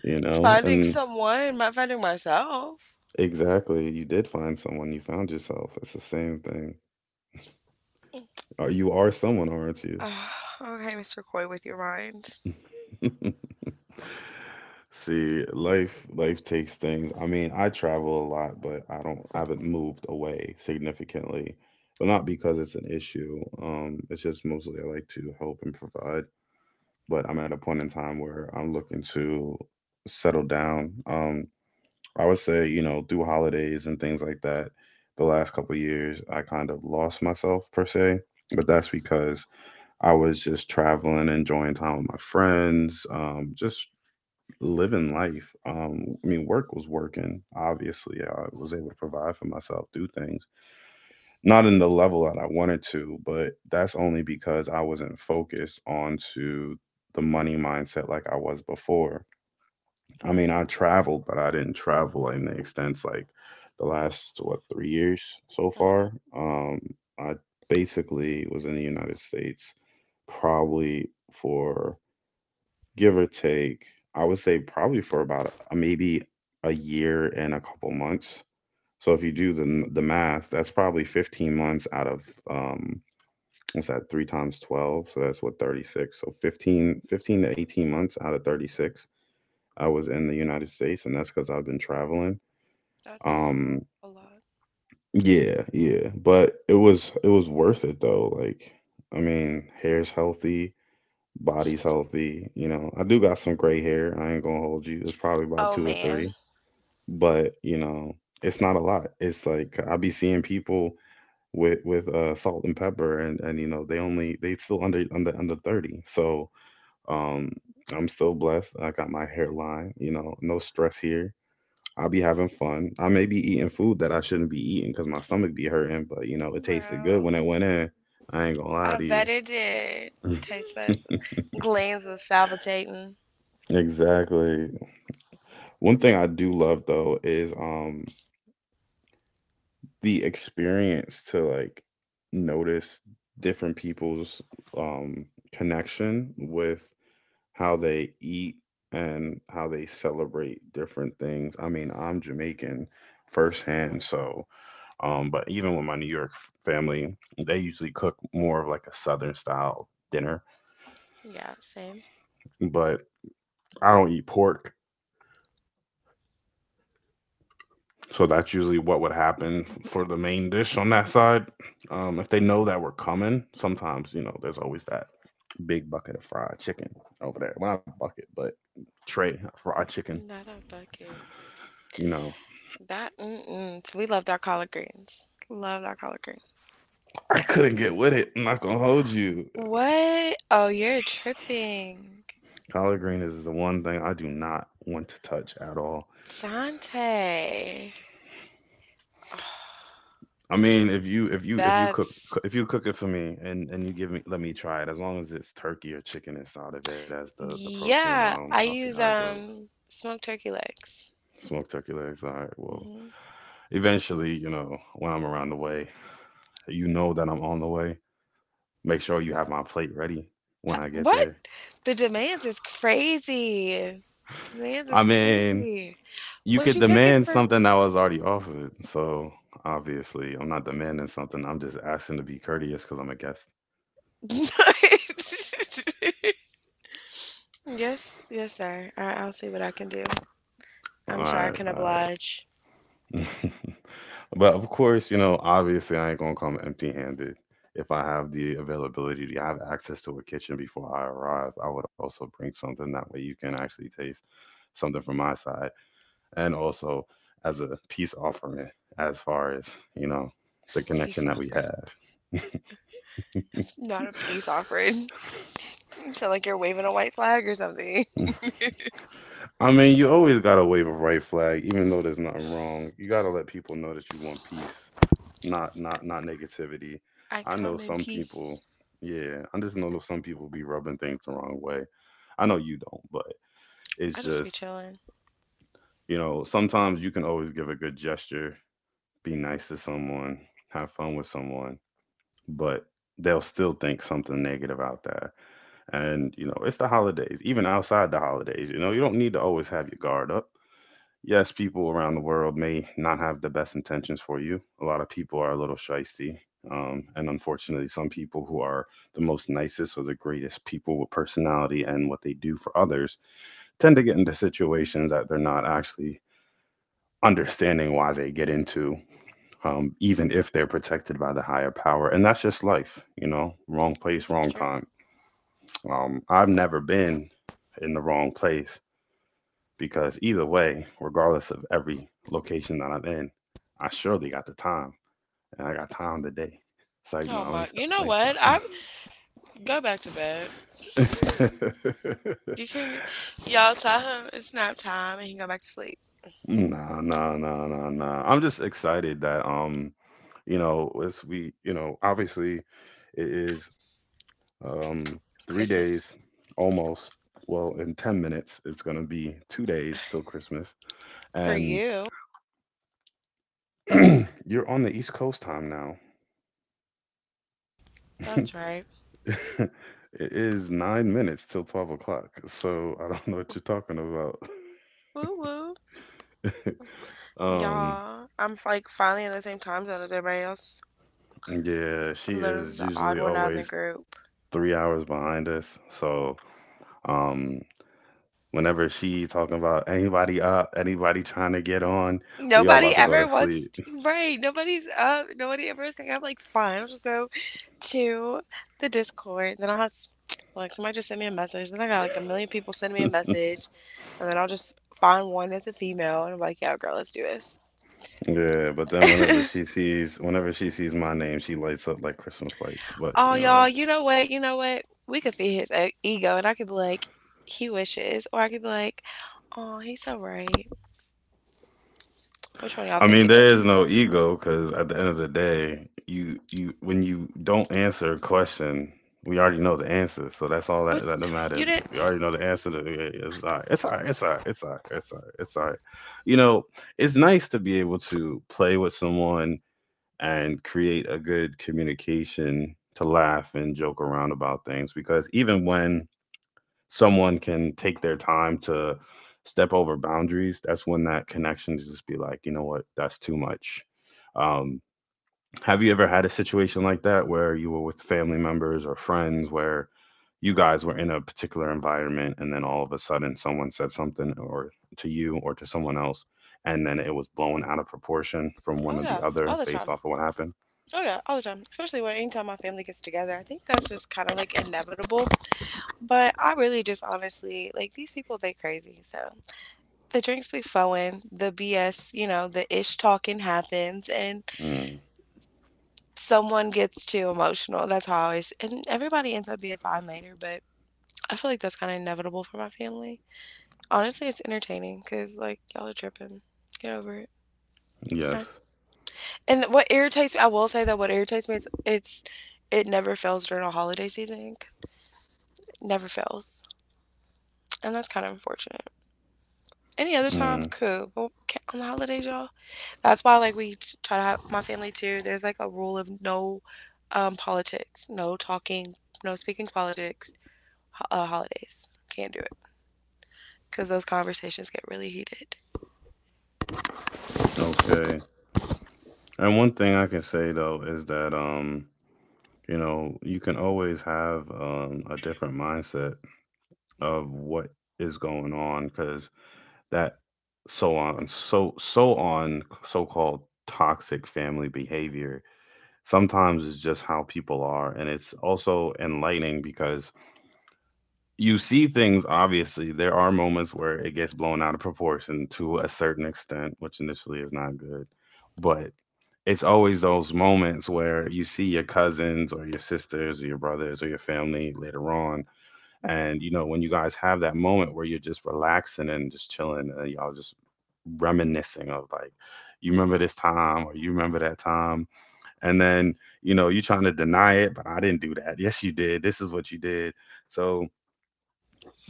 Speaker 1: you know?
Speaker 2: Finding
Speaker 1: And
Speaker 2: someone, not finding myself. (sighs)
Speaker 1: exactly, you did find someone, you found yourself. It's the same thing. You are someone, aren't you?
Speaker 2: Ah, okay, Mr. Coy, with your mind.
Speaker 1: See, life takes things. I mean, I travel a lot, but I haven't moved away significantly. But not because it's an issue. It's just mostly I like to help and provide. But I'm at a point in time where I'm looking to settle down. I would say, you know, through holidays and things like that, the last couple of years I kind of lost myself per se. But that's because I was just traveling, enjoying time with my friends, just living life. I mean, work was working. Obviously, I was able to provide for myself, do things, not in the level that I wanted to, but that's only because I wasn't focused onto the money mindset like I was before. I mean, I traveled, but I didn't travel in the extents like the last what 3 years so
Speaker 2: Mhm.
Speaker 1: far. Um, I basically was in the United States probably for give or take, I would say probably for about a, maybe a year and a couple months. So if you do the math, that's probably 15 months out of um what's that? 3 times 12, so that's what 36. So 15 to 18 months out of 36 I was in the United States and that's cuz I've been traveling.
Speaker 2: That's
Speaker 1: Um
Speaker 2: a lot.
Speaker 1: yeah, yeah, but it was worth it though. Like I mean, hair's healthy, body's healthy. You know, I do got some gray hair. I ain't gonna hold you. It's probably about
Speaker 2: Oh
Speaker 1: two or three,
Speaker 2: man,
Speaker 1: but you know, it's not a lot. It's like I be seeing people with salt and pepper, and you know, they still under 30. So um, I'm still blessed. I got my hairline. You know, no stress here. I'll be having fun. I may be eating food that I shouldn't be eating because my stomach be hurting, but you know, it tasted good
Speaker 2: bro.
Speaker 1: when it went in. I ain't gonna lie
Speaker 2: I
Speaker 1: to
Speaker 2: bet
Speaker 1: you.
Speaker 2: it did.
Speaker 1: (laughs)
Speaker 2: Taste buds, glands was salivating.
Speaker 1: Exactly. One thing I do love though is the experience to like notice different people's um connection with how they eat and how they celebrate different things. I mean, I'm Jamaican firsthand, so but even with my New York family, they usually cook more of like a southern style dinner,
Speaker 2: Yeah, same.
Speaker 1: but I don't eat pork. So that's usually what would happen for the main dish on that side. If they know that we're coming, sometimes you know there's always that big bucket of fried chicken over there. Well, not bucket, but tray of fried chicken.
Speaker 2: Not a bucket.
Speaker 1: You know,
Speaker 2: That mm-mm. So we loved our collard greens. Loved our collard greens.
Speaker 1: I couldn't get with it. I'm not gonna hold you.
Speaker 2: What? Oh, you're tripping,
Speaker 1: Collard green is the one thing I do not want to touch at all.
Speaker 2: Dante. Oh, (sighs)
Speaker 1: I mean, if you if you
Speaker 2: that's.
Speaker 1: if you cook it for me and you give me let me try it, as long as it's turkey or chicken inside of it as the protein,
Speaker 2: Yeah,
Speaker 1: I'll
Speaker 2: I
Speaker 1: see how
Speaker 2: use
Speaker 1: it goes.
Speaker 2: smoked turkey legs.
Speaker 1: Smoked turkey legs. All right. Well,
Speaker 2: Hmm
Speaker 1: eventually, you know, when I'm around the way, you know that I'm on the way. Make sure you have my plate ready when I get
Speaker 2: What?
Speaker 1: there.
Speaker 2: The demands is crazy. The demands
Speaker 1: I
Speaker 2: is
Speaker 1: mean,
Speaker 2: crazy.
Speaker 1: you
Speaker 2: What
Speaker 1: could
Speaker 2: you cooking
Speaker 1: demand
Speaker 2: for?
Speaker 1: something that was already offered. So obviously, I'm not demanding something. I'm just asking to be courteous because I'm a guest.
Speaker 2: (laughs) Yes, yes, sir. I, I'll see what I can do.
Speaker 1: All
Speaker 2: I'm sure I
Speaker 1: right,
Speaker 2: can
Speaker 1: all
Speaker 2: oblige.
Speaker 1: right. (laughs) But of course, you know, obviously, I ain't gonna come empty-handed. If I have the availability to have access to a kitchen before I arrive, I would also bring something. That way, you can actually taste something from my side and also as a peace offering as far as you know the
Speaker 2: Peace
Speaker 1: connection that we
Speaker 2: offering.
Speaker 1: have.
Speaker 2: Not a peace offering. (laughs) You sound like you're waving a white flag or something.
Speaker 1: (laughs) I mean, you always got to wave a right flag even though there's nothing wrong. You got to let people know that you want peace, not negativity.
Speaker 2: (laughs) I
Speaker 1: I know
Speaker 2: come in
Speaker 1: some people.
Speaker 2: peace.
Speaker 1: Yeah, I just know some people be rubbing things the wrong way. I know you don't, but it's
Speaker 2: I just be
Speaker 1: just,
Speaker 2: chilling.
Speaker 1: you know, sometimes you can always give a good gesture, be nice to someone, have fun with someone, but they'll still think something negative out that. And, you know, it's the holidays, even outside the holidays, you know, you don't need to always have your guard up. Yes, people around the world may not have the best intentions for you. A lot of people are a little shisty. And unfortunately, some people who are the most nicest or the greatest people with personality and what they do for others tend to get into situations that they're not actually understanding why they get into, even if they're protected by the higher power. And that's just life, you know, wrong
Speaker 2: This
Speaker 1: place,
Speaker 2: is
Speaker 1: wrong
Speaker 2: true.
Speaker 1: time. I've never been in the wrong place because either way, regardless of every location that I'm in, I surely got the time and I got time today. It's like, no,
Speaker 2: Oh
Speaker 1: let me
Speaker 2: my,
Speaker 1: stop.
Speaker 2: you know
Speaker 1: Let
Speaker 2: what? I go back to bed.
Speaker 1: me stop. (laughs)
Speaker 2: You can, y'all tell him it's nap time and he can go back to sleep.
Speaker 1: Nah, nah, nah, nah, nah. I'm just excited that you know, as we, you know, obviously it is um three
Speaker 2: Christmas
Speaker 1: days almost. Well, in 10 minutes, it's gonna be 2 days till Christmas.
Speaker 2: for
Speaker 1: And
Speaker 2: you.
Speaker 1: (clears throat) you're on the East Coast time
Speaker 2: That's right.
Speaker 1: now. (laughs) It is 9 minutes till 12 o'clock, so I don't know what you're talking about. (laughs)
Speaker 2: Woo woo.
Speaker 1: Um,
Speaker 2: Y'all, I'm like finally in the same time zone as everybody else.
Speaker 1: yeah,
Speaker 2: I'm
Speaker 1: she
Speaker 2: literally
Speaker 1: is
Speaker 2: the odd
Speaker 1: usually
Speaker 2: one out in the
Speaker 1: always
Speaker 2: group.
Speaker 1: 3 hours behind us. So, um, whenever she talking about anybody up, anybody trying to get on, we all
Speaker 2: Nobody
Speaker 1: about to go
Speaker 2: ever
Speaker 1: to
Speaker 2: wants
Speaker 1: sleep.
Speaker 2: to, right? Nobody's up. Nobody ever is thinking, I'm like, fine, I'll just go to the Discord. Then like, somebody just sent me a message. Then I got like a million people send me a
Speaker 1: (laughs)
Speaker 2: message. And then I'll just find one that's a female and I'm like, yeah, girl, let's do this.
Speaker 1: Yeah, but then
Speaker 2: (laughs)
Speaker 1: whenever she sees my name, she lights up like Christmas lights. But
Speaker 2: Oh,
Speaker 1: you
Speaker 2: y'all,
Speaker 1: know,
Speaker 2: you know what? We could feed his ego, and I could be like, he wishes, or I could be like, oh, he's so right. Which one y'all
Speaker 1: I
Speaker 2: think
Speaker 1: mean,
Speaker 2: it
Speaker 1: there is
Speaker 2: is?
Speaker 1: no ego because at the end of the day, you when you don't answer a question, we already know the answer. So that's all
Speaker 2: What
Speaker 1: that that
Speaker 2: you
Speaker 1: matters.
Speaker 2: did?
Speaker 1: We already know the answer. To, yeah, yeah, it's all right. It's all right. It's all right. It's all right. It's all right. It's all right. You know, it's nice to be able to play with someone and create a good communication to laugh and joke around about things because even when someone can take their time to step over boundaries, that's when that connection just be like, you know what, that's too much. Um, have you ever had a situation like that where you were with family members or friends where you guys were in a particular environment and then all of a sudden someone said something or to you or to someone else and then it was blown out of proportion from one
Speaker 2: Oh
Speaker 1: or the
Speaker 2: yeah,
Speaker 1: other
Speaker 2: all the
Speaker 1: based
Speaker 2: time.
Speaker 1: off of what happened?
Speaker 2: Oh yeah, all the time. Especially when anytime my family gets together, I think that's just kind of like inevitable. But I really just honestly like these people. They crazy. So the drinks be flowing, the BS, you know, the ish talking happens, and
Speaker 1: Mm,
Speaker 2: someone gets too emotional. That's how I always. And everybody ends up being fine later, but I feel like that's kind of inevitable for my family. Honestly, it's entertaining because like y'all are tripping. Get over it. It's
Speaker 1: yes.
Speaker 2: not. And what irritates me, I will say that what irritates me is it never fails during a holiday season, 'cause it never fails, and that's kind of unfortunate. Any other time,
Speaker 1: Mm,
Speaker 2: cool. But on the holidays, y'all, that's why like we try to have my family too. There's like a rule of no politics, no talking, no speaking politics. Holidays can't do it because those conversations get really heated.
Speaker 1: okay. And one thing I can say though is that you know, you can always have a different mindset of what is going on because that so on so so on so-called toxic family behavior sometimes is just how people are, and it's also enlightening because you see things. Obviously, there are moments where it gets blown out of proportion to a certain extent, which initially is not good, but it's always those moments where you see your cousins or your sisters or your brothers or your family later on. And, you know, when you guys have that moment where you're just relaxing and just chilling and y'all just reminiscing of like, you remember this time or you remember that time. And then, you know, you're trying to deny it, but I didn't do that. Yes, you did. This is what you did. So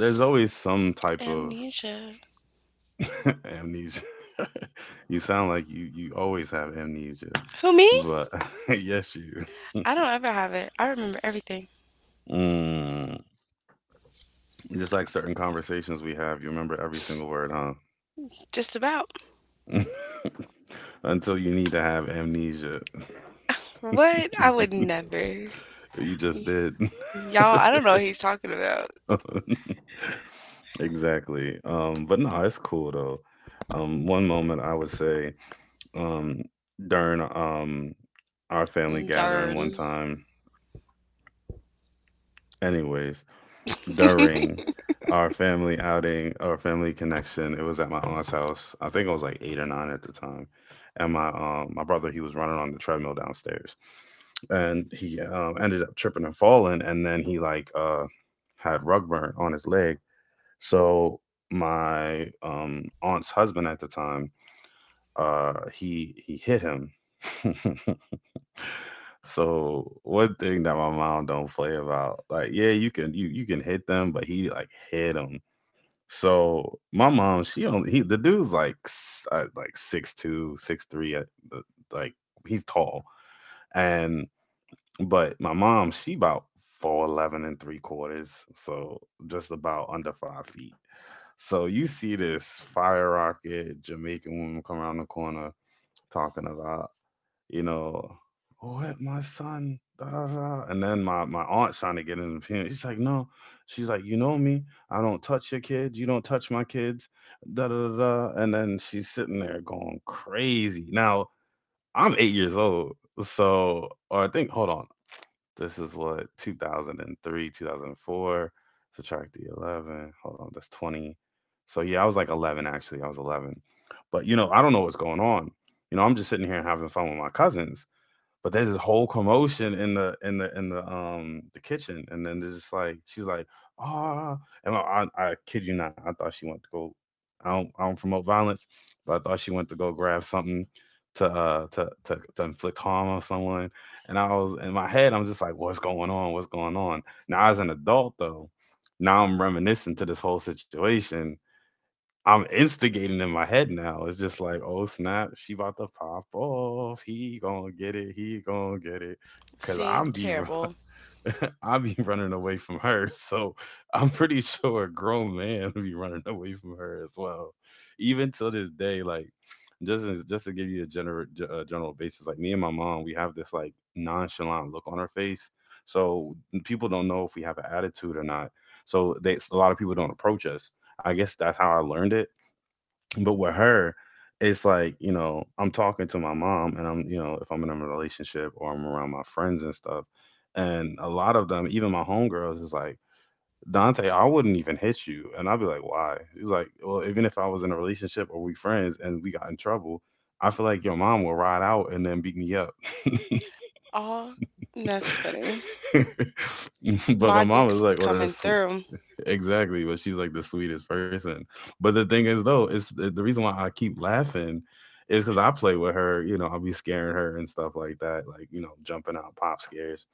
Speaker 1: there's always some type of
Speaker 2: Amnesia.
Speaker 1: (laughs) amnesia. You sound like you always have amnesia,
Speaker 2: Who, me?
Speaker 1: but (laughs) yes, you.
Speaker 2: I don't ever have it. I remember everything.
Speaker 1: Mm. Just like certain conversations we have, you remember every single word, huh?
Speaker 2: Just about.
Speaker 1: (laughs) Until you need to have amnesia.
Speaker 2: What? I
Speaker 1: (laughs)
Speaker 2: would never.
Speaker 1: You just
Speaker 2: Y-
Speaker 1: did.
Speaker 2: Y'all, I don't know what he's talking about.
Speaker 1: (laughs) Exactly. But no, it's cool though. One moment I would say, um, during our family gathering one
Speaker 2: Darn.
Speaker 1: time, anyways, during
Speaker 2: (laughs)
Speaker 1: our family outing, our family connection, it was at my aunt's house. I think I was like eight or nine at the time. And my my brother, he was running on the treadmill downstairs. And he ended up tripping and falling, and then he like had rug burn on his leg. So my aunt's husband at the time, he hit him. (laughs) So one thing that my mom don't play about, like yeah, you can hit them, but he like hit him. So my mom, she only he the dude's like like 6'2", 6'3", uh, like he's tall, and but my mom, she about 4'11" and three quarters, so just about under 5 feet. So you see this fire rocket Jamaican woman come around the corner talking about, you know, oh, hit my son, da da da. And then my aunt's trying to get in the opinion. She's like, no, she's like, you know me, I don't touch your kids, you don't touch my kids, da da da. Da." And then she's sitting there going crazy. Now I'm 8 years old, so, or I think, hold on. This is what, 2003, 2004. Subtract the 11. Hold on, that's 20. So yeah, I was like 11 actually. I was 11. But you know, I don't know what's going on. You know, I'm just sitting here having fun with my cousins, but there's this whole commotion in the kitchen, and then there's just like she's like, ah, and I kid you not, I thought she went to go. I don't promote violence, but I thought she went to go grab something to to inflict harm on someone, and I was in my head, I'm just like, what's going on? What's going on? Now as an adult though, now I'm reminiscing to this whole situation, I'm instigating in my head now. It's just like, oh snap, she about to pop off. He gonna get it. He gonna get it. Cause
Speaker 2: See? Terrible.
Speaker 1: (laughs) I be running away from her. So I'm pretty sure a grown man (laughs) be running away from her as well. Even till this day, like just to give you a general basis, like me and my mom, we have this like nonchalant look on our face. So people don't know if we have an attitude or not. So they a lot of people don't approach us. I guess that's how I learned it, but with her, it's like, you know, I'm talking to my mom and I'm, you know, if I'm in a relationship or I'm around my friends and stuff. And a lot of them, even my homegirls, is like, Dante, I wouldn't even hit you. And I'd be like, why? He's like, well, even if I was in a relationship or we friends and we got in trouble, I feel like your mom will ride out and then beat me up.
Speaker 2: Oh, that's funny.
Speaker 1: (laughs) But my
Speaker 2: Ma
Speaker 1: mom is
Speaker 2: Dukes is
Speaker 1: like, oh,
Speaker 2: coming
Speaker 1: this.
Speaker 2: through.
Speaker 1: Exactly, but she's like the sweetest person. But the thing is, though, it's the reason why I keep laughing is because I play with her. You know, I'll be scaring her and stuff like that, like you know, jumping out pop scares.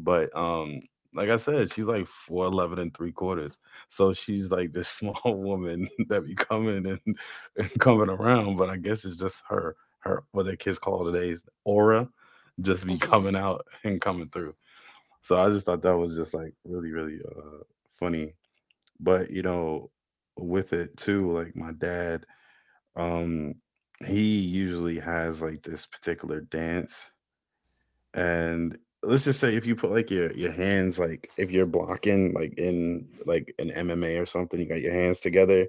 Speaker 1: But Like I said, she's like 4'11" and three quarters, so she's like this small (laughs) woman that be and coming around. But I guess it's just her, what the kids call today's aura, just be
Speaker 2: Hmm.
Speaker 1: coming out and coming through. So I just thought that was just like really, really funny, but you know, with it too, like my dad, um he usually has like this particular dance, and let's just say if you put like your hands, like if you're blocking like in like an MMA or something, you got your hands together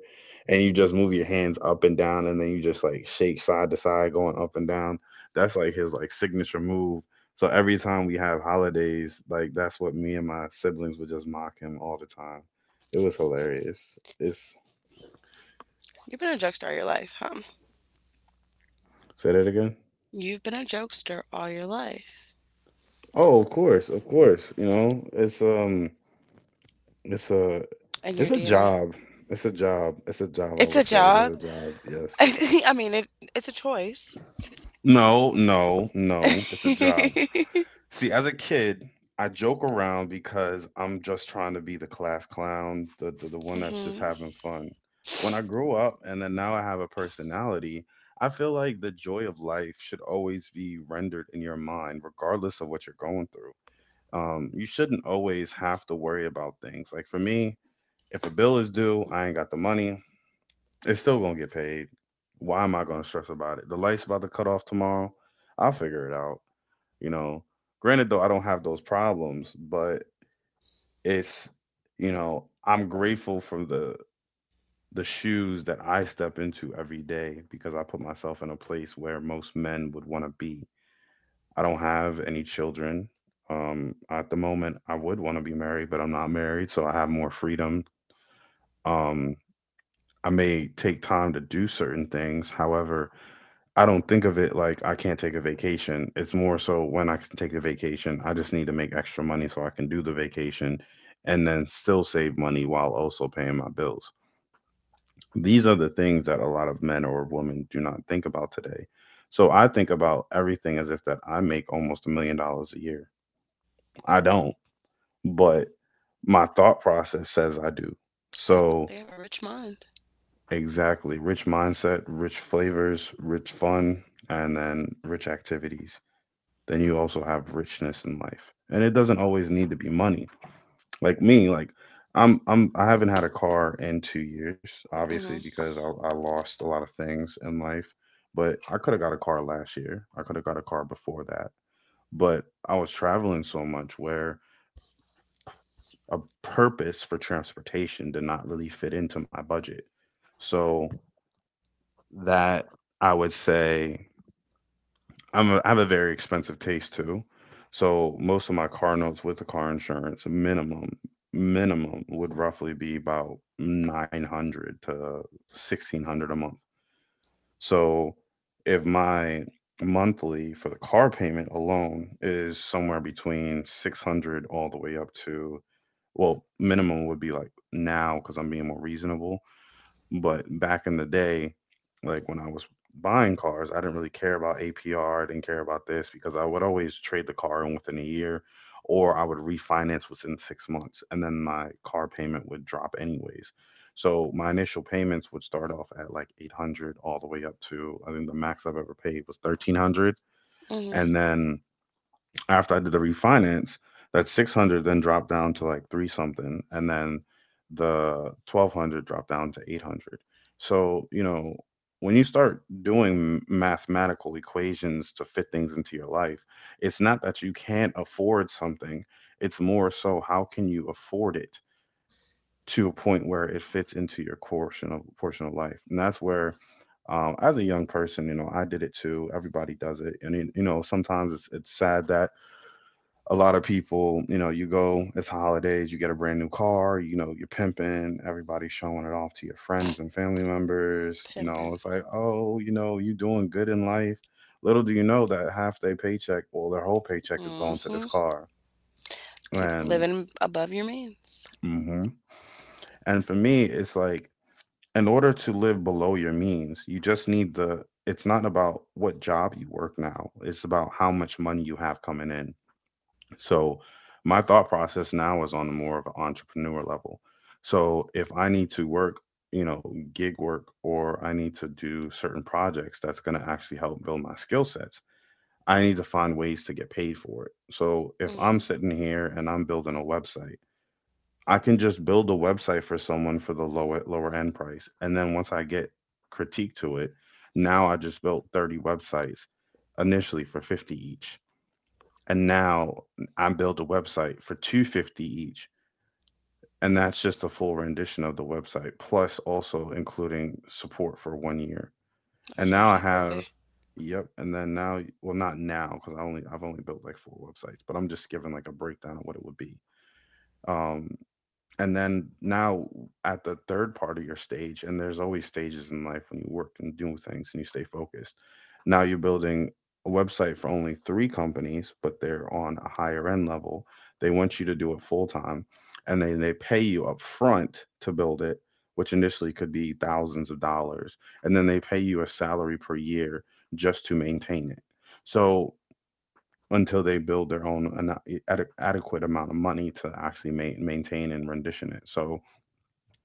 Speaker 1: and you just move your hands up and down and then you just like shake side to side going up and down. That's like his like signature move. So every time we have holidays, like that's what me and my siblings would just mock him all the time. It was hilarious. It's,
Speaker 2: You've been a jokester all your life, huh?
Speaker 1: say that again.
Speaker 2: You've been a jokester all your life.
Speaker 1: Oh, of course, of course. You know, it's a,
Speaker 2: In
Speaker 1: it's
Speaker 2: your
Speaker 1: a
Speaker 2: DNA.
Speaker 1: job. It's a job. It's a job. I
Speaker 2: It's
Speaker 1: would
Speaker 2: a
Speaker 1: say it is
Speaker 2: job.
Speaker 1: a job.
Speaker 2: (laughs)
Speaker 1: Yes.
Speaker 2: I mean, it's a choice.
Speaker 1: No, no, no. It's a
Speaker 2: (laughs)
Speaker 1: job. See, as a kid, I joke around because I'm just trying to be the class clown, the one that's just
Speaker 2: Hmm.
Speaker 1: having fun. When I grow up and then now I have a personality, I feel like the joy of life should always be rendered in your mind, regardless of what you're going through. You shouldn't always have to worry about things. Like for me, if a bill is due, I ain't got the money. It's still gonna get paid. Why am I gonna stress about it? The light's about to cut off tomorrow. I'll figure it out. You know. Granted, though, I don't have those problems, but it's, you know, I'm grateful for the shoes that I step into every day because I put myself in a place where most men would want to be. I don't have any children. At the moment, I would want to be married, but I'm not married, so I have more freedom. Um, I may take time to do certain things. However, I don't think of it like I can't take a vacation. It's more so when I can take the vacation, I just need to make extra money so I can do the vacation and then still save money while also paying my bills. These are the things that a lot of men or women do not think about today. So I think about everything as if that I make almost $1 million a year. I don't, but my thought process says I do.
Speaker 2: I was about
Speaker 1: So
Speaker 2: to say, you have a rich mind.
Speaker 1: exactly, rich mindset, rich flavors, rich fun, and then rich activities. Then you also have richness in life. And it doesn't always need to be money. Like me, like I'm I haven't had a car in 2 years, obviously
Speaker 2: Hmm.
Speaker 1: because I lost a lot of things in life, but I could have got a car last year. I could have got a car before that. But I was traveling so much where a purpose for transportation did not really fit into my budget. So that, I would say, I have a very expensive taste too. So most of my car notes with the car insurance, minimum would roughly be about 900 to 1600 a month. So if my monthly for the car payment alone is somewhere between 600 all the way up to, well, minimum would be like now because I'm being more reasonable, but back in the day, like when I was buying cars, I didn't really care about APR, I didn't care about this because I would always trade the car in within a year or I would refinance within 6 months and then my car payment would drop anyways. So my initial payments would start off at like 800 all the way up to, I think the max I've ever paid was 1300,
Speaker 2: Mhm.
Speaker 1: and then after I did the refinance, that 600 then dropped down to like three something, and then the 1200 dropped down to 800. So, you know, when you start doing mathematical equations to fit things into your life, it's not that you can't afford something, it's more so how can you afford it to a point where it fits into your portion of life. And that's where, as a young person, you know, I did it too. Everybody does it, and you know, sometimes it's sad that a lot of people, you know, you go, it's holidays, you get a brand new car, you know, you're pimping, everybody's showing it off to your friends and family members. You know,
Speaker 2: Pimping.
Speaker 1: it's like, oh, you know, you doing good in life. Little do you know that half their paycheck, well, their whole paycheck is going to this
Speaker 2: Mhm.
Speaker 1: car.
Speaker 2: People
Speaker 1: And
Speaker 2: living above your means.
Speaker 1: hmm. And for me, it's like, in order to live below your means, you just need the. It's not about what job you work now. It's about how much money you have coming in. So my thought process now is on the more of an entrepreneur level. So if I need to work, you know, gig work, or I need to do certain projects that's going to actually help build my skill sets, I need to find ways to get paid for it. So if I'm
Speaker 2: Mhm.
Speaker 1: sitting here and I'm building a website, I can just build a website for someone for the lower end price. And then once I get critique to it, now I just built 30 websites initially for 50 each, and now I build a website for 250 each, and that's just a full rendition of the website plus also including support for 1 year. And
Speaker 2: That's
Speaker 1: now I
Speaker 2: actually
Speaker 1: have,
Speaker 2: crazy.
Speaker 1: yep, and then now, well not now cuz I've only built like four websites, but I'm just giving like a breakdown of what it would be. Um, and then now at the third part of your stage, and there's always stages in life when you work and do things and you stay focused, now you're building a website for only three companies but they're on a higher end level, they want you to do it full time, and then they pay you up front to build it, which initially could be thousands of dollars, and then they pay you a salary per year just to maintain it, so until they build their own adequate amount of money to actually maintain and rendition it. So,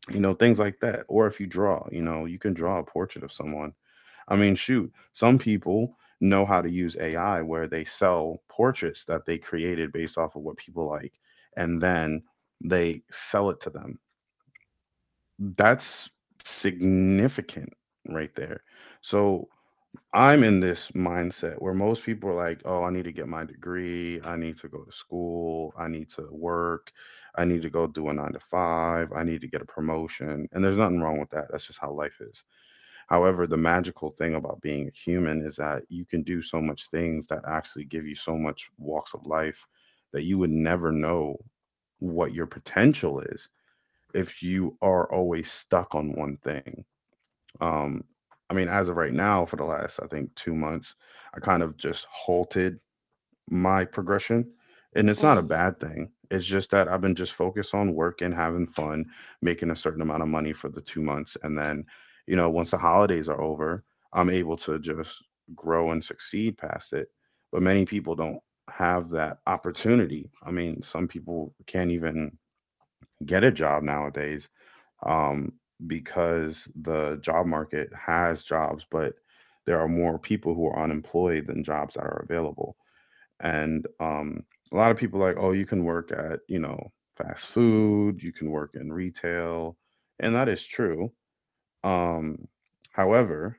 Speaker 1: you know, things like that. Or if you draw, you know, you can draw a portrait of someone. I mean, shoot, some people know how to use AI where they sell portraits that they created based off of what people like, and then they sell it to them. That's significant right there. So, I'm in this mindset where most people are like, "Oh, I need to get my degree. I need to go to school. I need to work. I need to go do a nine to five. I need to get a promotion." And there's nothing wrong with that. That's just how life is. However, the magical thing about being a human is that you can do so much things that actually give you so much walks of life that you would never know what your potential is if you are always stuck on one thing. Um, I mean, as of right now, for the last I think 2 months, I kind of just halted my progression, and it's not a
Speaker 2: Mhm.
Speaker 1: bad thing. It's just that I've been just focused on work and having fun, making a certain amount of money for the 2 months, and then, once the holidays are over, I'm able to just grow and succeed past it. But many people don't have that opportunity. I mean, some people can't even get a job nowadays, um, because the job market has jobs, but there are more people who are unemployed than jobs that are available. And a lot of people are like, "Oh, you can work at, you know, fast food, you can work in retail." And that is true. Um, however,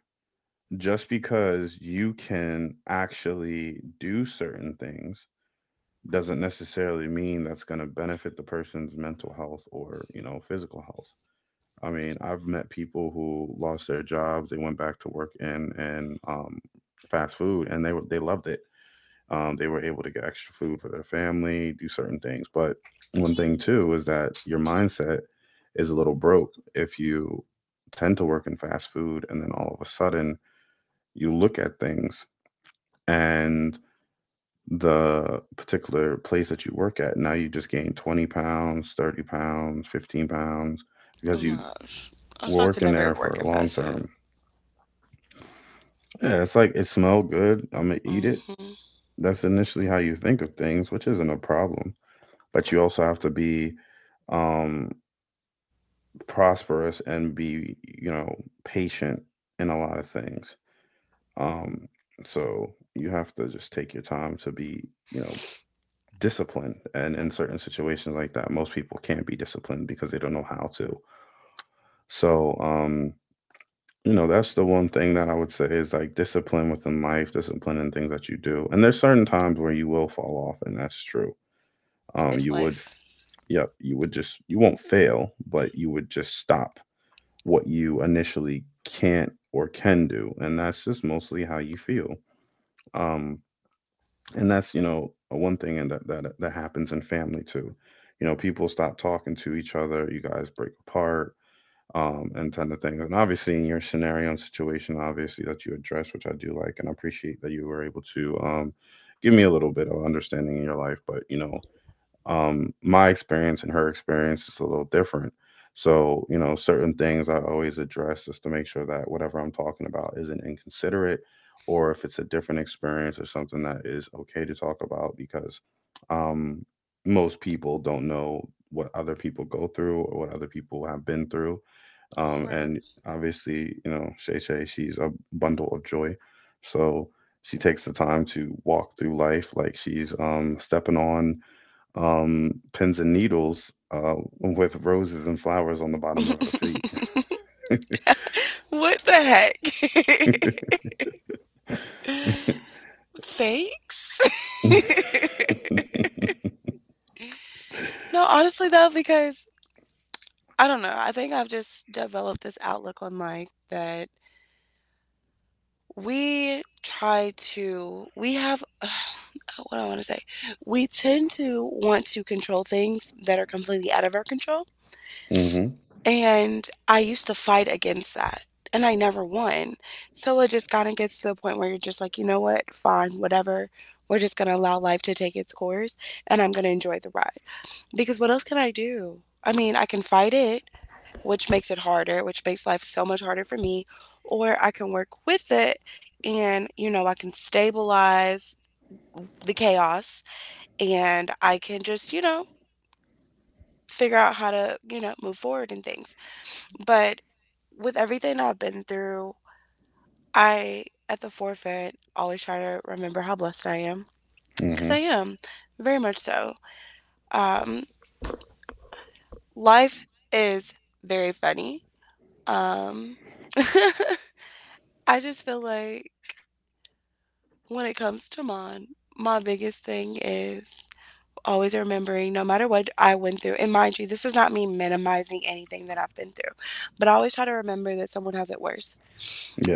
Speaker 1: just because you can actually do certain things doesn't necessarily mean that's going to benefit the person's mental health or, you know, physical health. I mean, I've met people who lost their jobs. They went back to work in fast food, and they loved it. They were able to get extra food for their family, do certain things. But one thing too is that your mindset is a little broke if you tend to work in fast food, and then all of a sudden you look at things and the particular place that you work at, now you just gain 20 pounds, 30 pounds, 15 pounds
Speaker 2: Oh
Speaker 1: because you
Speaker 2: my gosh. I
Speaker 1: were
Speaker 2: thought I could
Speaker 1: working there
Speaker 2: never
Speaker 1: for
Speaker 2: work in
Speaker 1: long
Speaker 2: fast
Speaker 1: term.
Speaker 2: food.
Speaker 1: Yeah, it's like it smelled good. I'm gonna eat it.
Speaker 2: Mhm.
Speaker 1: That's initially how you think of things, which isn't a problem. But you also have to be um, prosperous and be, you know, patient in a lot of things. Um, so you have to just take your time to be, you know, disciplined. And in certain situations like that, most people can't be disciplined because they don't know how to. So, you know, that's the one thing that I would say is, like, discipline within life, discipline in things that you do. And there's certain times where you will fall off, and that's true. um
Speaker 2: It's
Speaker 1: you would
Speaker 2: life.
Speaker 1: f- yep, you would just, you won't fail, but you would just stop what you initially can't or can do, and that's just mostly how you feel. um and that's, you know, one thing. And that happens in family too. You know, people stop talking to each other, you guys break apart, and ton of things. And obviously, in your scenario and situation, obviously that you address, which I do like, and I appreciate that you were able to give me a little bit of understanding in your life. But you know, my experience and her experience is a little different. So you know, certain things I always address just to make sure that whatever I'm talking about isn't inconsiderate, or if it's a different experience or something that is okay to talk about because. Um, most people don't know what other people go through or what other people have been through, and
Speaker 2: Right.
Speaker 1: obviously, Shay Shay, she's a bundle of joy. So she takes the time to walk through life like she's stepping on pins and needles with roses and flowers on the bottom of her feet.
Speaker 2: (laughs) What the heck? (laughs) Thanks.
Speaker 1: (laughs)
Speaker 2: (laughs) No, honestly though, because I don't know. I think I've just developed this outlook on life that We try to we have (sighs) what do I want to say? We tend to want to control things that are completely out of our control,
Speaker 1: Hmm.
Speaker 2: and I used to fight against that, and I never won. So it just kinda gets to the point where you're just like, "You know what? Fine, whatever. We're just gonna allow life to take its course, and I'm gonna enjoy the ride." Because what else can I do? I mean, I can fight it, which makes it harder, which makes life so much harder for me. Or I can work with it and, you know, I can stabilize the chaos and I can just, you know, figure out how to, you know, move forward in things. But with everything I've been through, I, at the forefront, always try to remember how blessed I am because
Speaker 1: Hmm.
Speaker 2: I am very much so. Um, life is very funny. Um, (laughs) I just feel like when it comes to mine, my biggest thing is always remembering no matter what I went through, and mind you, this is not me minimizing anything that I've been through, but I always try to remember that someone has it worse.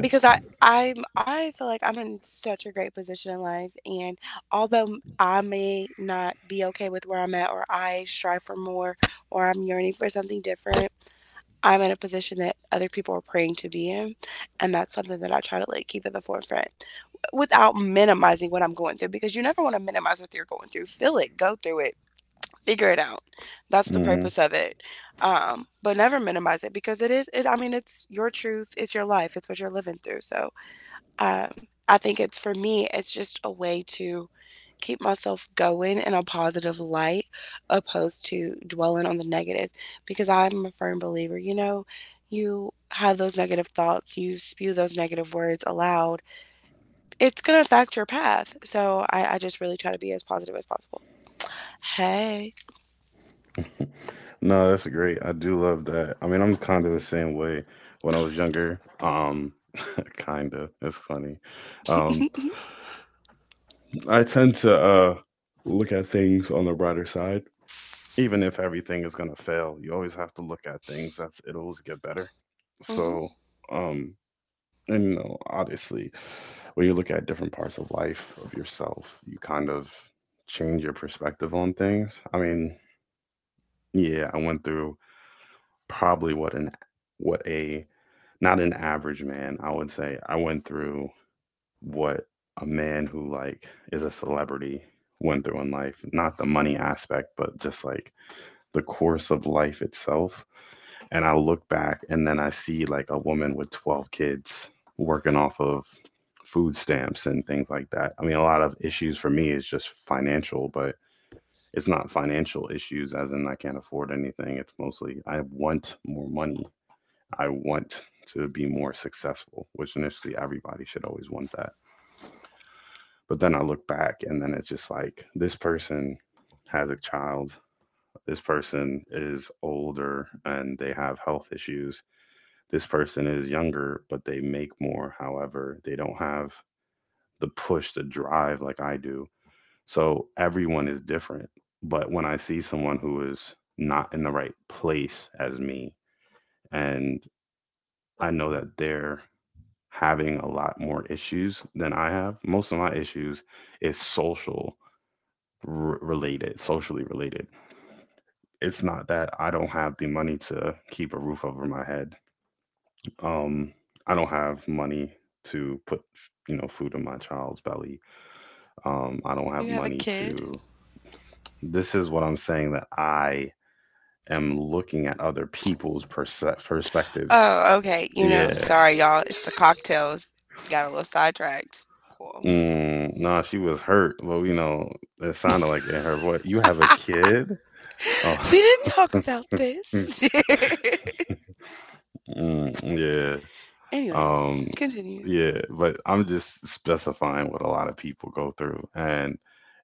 Speaker 2: Because I feel like I'm in such a great position in life and although I may not be okay with where I'm at or I strive for more or I'm yearning for something different, I'm in a position that other people are praying to be in and that's something that I try to like keep at the forefront without minimizing what I'm going through because you never want to minimize what you're going through. Feel it, go through it, figure it out. That's the
Speaker 1: Hmm.
Speaker 2: purpose of it. But never minimize it because it is it I mean it's your truth, it's your life, it's what you're living through. So, um, I think it's for me it's just a way to keep myself going in a positive light opposed to dwelling on the negative because I'm a firm believer, you know, you have those negative thoughts, you spew those negative words aloud, it's gonna affect your path. So I just really try to be as positive as possible. Hey.
Speaker 1: (laughs) No, that's great. I do love that. I mean, I'm kind of the same way when I was younger. (laughs) Kind of. It's funny. Um, I tend to look at things on the brighter side, even if everything is gonna fail. You always have to look at things that's it'll always get better.
Speaker 2: Hmm.
Speaker 1: So, um, and you know, obviously, when you look at different parts of life of yourself, you kind of change your perspective on things. I mean, yeah, I went through probably what a not an average man. I would say I went through what a man who, like, is a celebrity went through in life, not the money aspect, but just like the course of life itself. And I look back, and then I see like a woman with 12 kids working off of food stamps and things like that. I mean, a lot of issues for me is just financial, but it's not financial issues as in I can't afford anything. It's mostly I want more money. I want to be more successful, which initially everybody should always want that. But then I look back, and then it's just like, this person has a child, this person is older and they have health issues, this person is younger, but they make more. However, they don't have the push, the drive like I do. So everyone is different. But when I see someone who is not in the right place as me, and I know that they're having a lot more issues than I have, most of my issues is social, related, socially related. It's not that I don't have the money to keep a roof over my head. Um, I don't have money to put, you know, food in my child's belly. I don't have
Speaker 2: You have a
Speaker 1: money
Speaker 2: kid?
Speaker 1: to. This is what I'm saying, that I am looking at other people's perspectives.
Speaker 2: Oh, okay. You know,
Speaker 1: Yeah. (laughs)
Speaker 2: sorry y'all. It's the cocktails. Got a little sidetracked. Cool. (laughs)
Speaker 1: Mm, nah, she was hurt. Well, you know, it sounded like in her voice. You have a kid? Oh.
Speaker 2: We didn't talk about
Speaker 1: (laughs)
Speaker 2: this.
Speaker 1: Mm, yeah.
Speaker 2: (laughs) Anyways,
Speaker 1: Um,
Speaker 2: continue.
Speaker 1: yeah, but I'm just specifying what a lot of people go through. And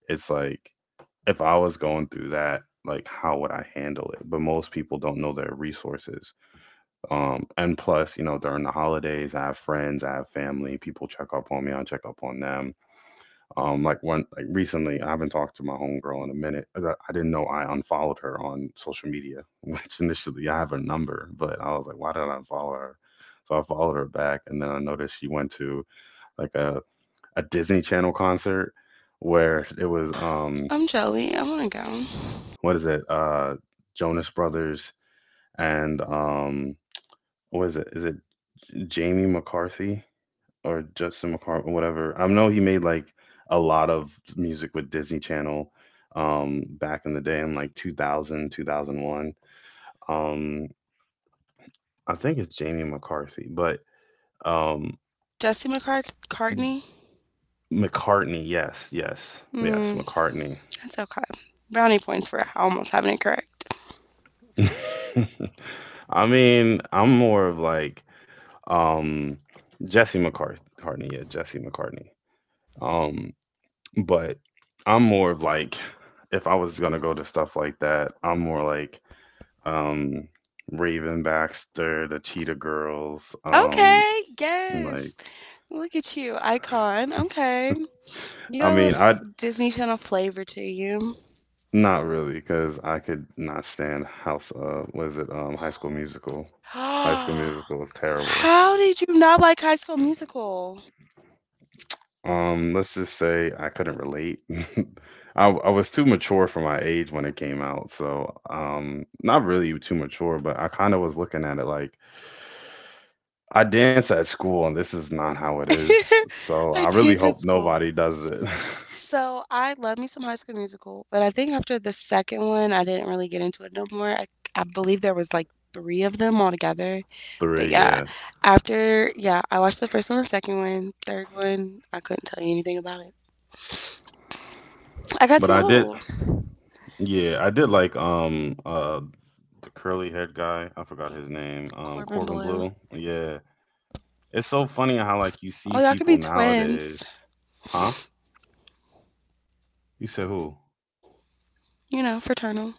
Speaker 1: it's like, if I was going through that, like, how would I handle it? But most people don't know their resources. And plus, you know, during the holidays, I have friends, I have family, people check up on me, I check up on them. Like one like recently, I haven't talked to my homegirl in a minute. I didn't know I unfollowed her on social media, (laughs) which initially I have her number, but I was like, why did I unfollow her? So I followed her back, and then I noticed she went to like a Disney Channel concert where it was
Speaker 2: I'm jelly. I wanna go.
Speaker 1: what is it Jonas Brothers and what is it Jamie McCarthy or Justin McCarthy, whatever. I know he made like a lot of music with Disney Channel, back in the day in like 2000, 2001. Um, I think it's Jamie McCarthy, but um,
Speaker 2: Jesse McCartney.
Speaker 1: McCartney, yes, yes, yes,
Speaker 2: Hmm.
Speaker 1: McCartney.
Speaker 2: That's okay. Brownie points for almost having it correct.
Speaker 1: (laughs) I mean, I'm more of like, um, Jesse McCartney, yeah, Jesse McCartney. Um, but I'm more of like, if I was gonna go to stuff like that, I'm more like, um, Raven Baxter, the Cheetah Girls.
Speaker 2: Okay,
Speaker 1: Like,
Speaker 2: yes. Look at you, icon. Okay. You
Speaker 1: I
Speaker 2: have a
Speaker 1: mean, I
Speaker 2: Disney Channel flavor to you.
Speaker 1: not really because I could not stand House. Was it High School Musical?
Speaker 2: (gasps)
Speaker 1: High School
Speaker 2: How
Speaker 1: Musical was terrible.
Speaker 2: did you not like High School Musical?
Speaker 1: Let's just say I couldn't relate. (laughs) I was too mature for my age when it came out, so not really too mature, but I kind of was looking at it like I dance at school, and this is not how it is. So
Speaker 2: (laughs) I
Speaker 1: I really
Speaker 2: did.
Speaker 1: hope
Speaker 2: That's cool.
Speaker 1: nobody does it.
Speaker 2: So I love me some High School Musical, but I think after the second one, I didn't really get into it no more. I believe there was like three of them all together.
Speaker 1: (laughs)
Speaker 2: But
Speaker 1: Three,
Speaker 2: yeah,
Speaker 1: yeah.
Speaker 2: I watched the first one, the second one, third one. I couldn't tell you anything about it. I got
Speaker 1: But
Speaker 2: too
Speaker 1: I did,
Speaker 2: old.
Speaker 1: yeah, I did like the curly haired guy. I forgot his name.
Speaker 2: Corbin
Speaker 1: Corbin
Speaker 2: Blue.
Speaker 1: Blue. Yeah, it's so funny how like you see
Speaker 2: Oh, y'all could be
Speaker 1: people nowadays.
Speaker 2: twins.
Speaker 1: Huh? You said who?
Speaker 2: You know, fraternal.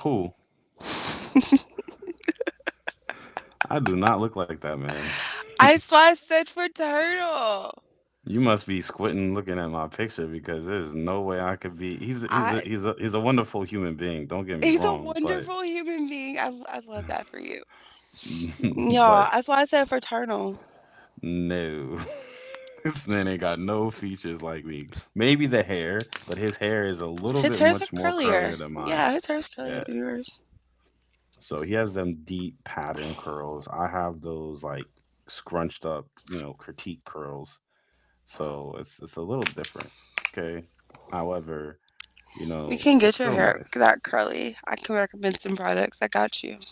Speaker 1: Who? I do not look like that man. (laughs)
Speaker 2: That's why I said for turtle.
Speaker 1: You must be squinting looking at my picture because there's no way I could be. He's he's a,
Speaker 2: I
Speaker 1: he's a he's a wonderful human being. Don't get me
Speaker 2: He's a
Speaker 1: wrong, but
Speaker 2: wonderful human being. I love that for you.
Speaker 1: (laughs)
Speaker 2: Y'all,
Speaker 1: but
Speaker 2: that's why I said for turtle.
Speaker 1: no. (laughs) This man ain't got no features like me. Maybe the hair, but his hair is a little
Speaker 2: His
Speaker 1: bit
Speaker 2: hair's
Speaker 1: much
Speaker 2: like
Speaker 1: more
Speaker 2: curlier.
Speaker 1: curlier than mine.
Speaker 2: Yeah, his hair's curlier
Speaker 1: Yeah.
Speaker 2: than yours.
Speaker 1: So he has them deep pattern curls. I have those like scrunched up, you know, critique curls. So it's a little different. Okay. However, you
Speaker 2: We
Speaker 1: know,
Speaker 2: can
Speaker 1: it's
Speaker 2: get your
Speaker 1: still
Speaker 2: hair
Speaker 1: nice.
Speaker 2: that curly. I can recommend some products. I got you. (sighs)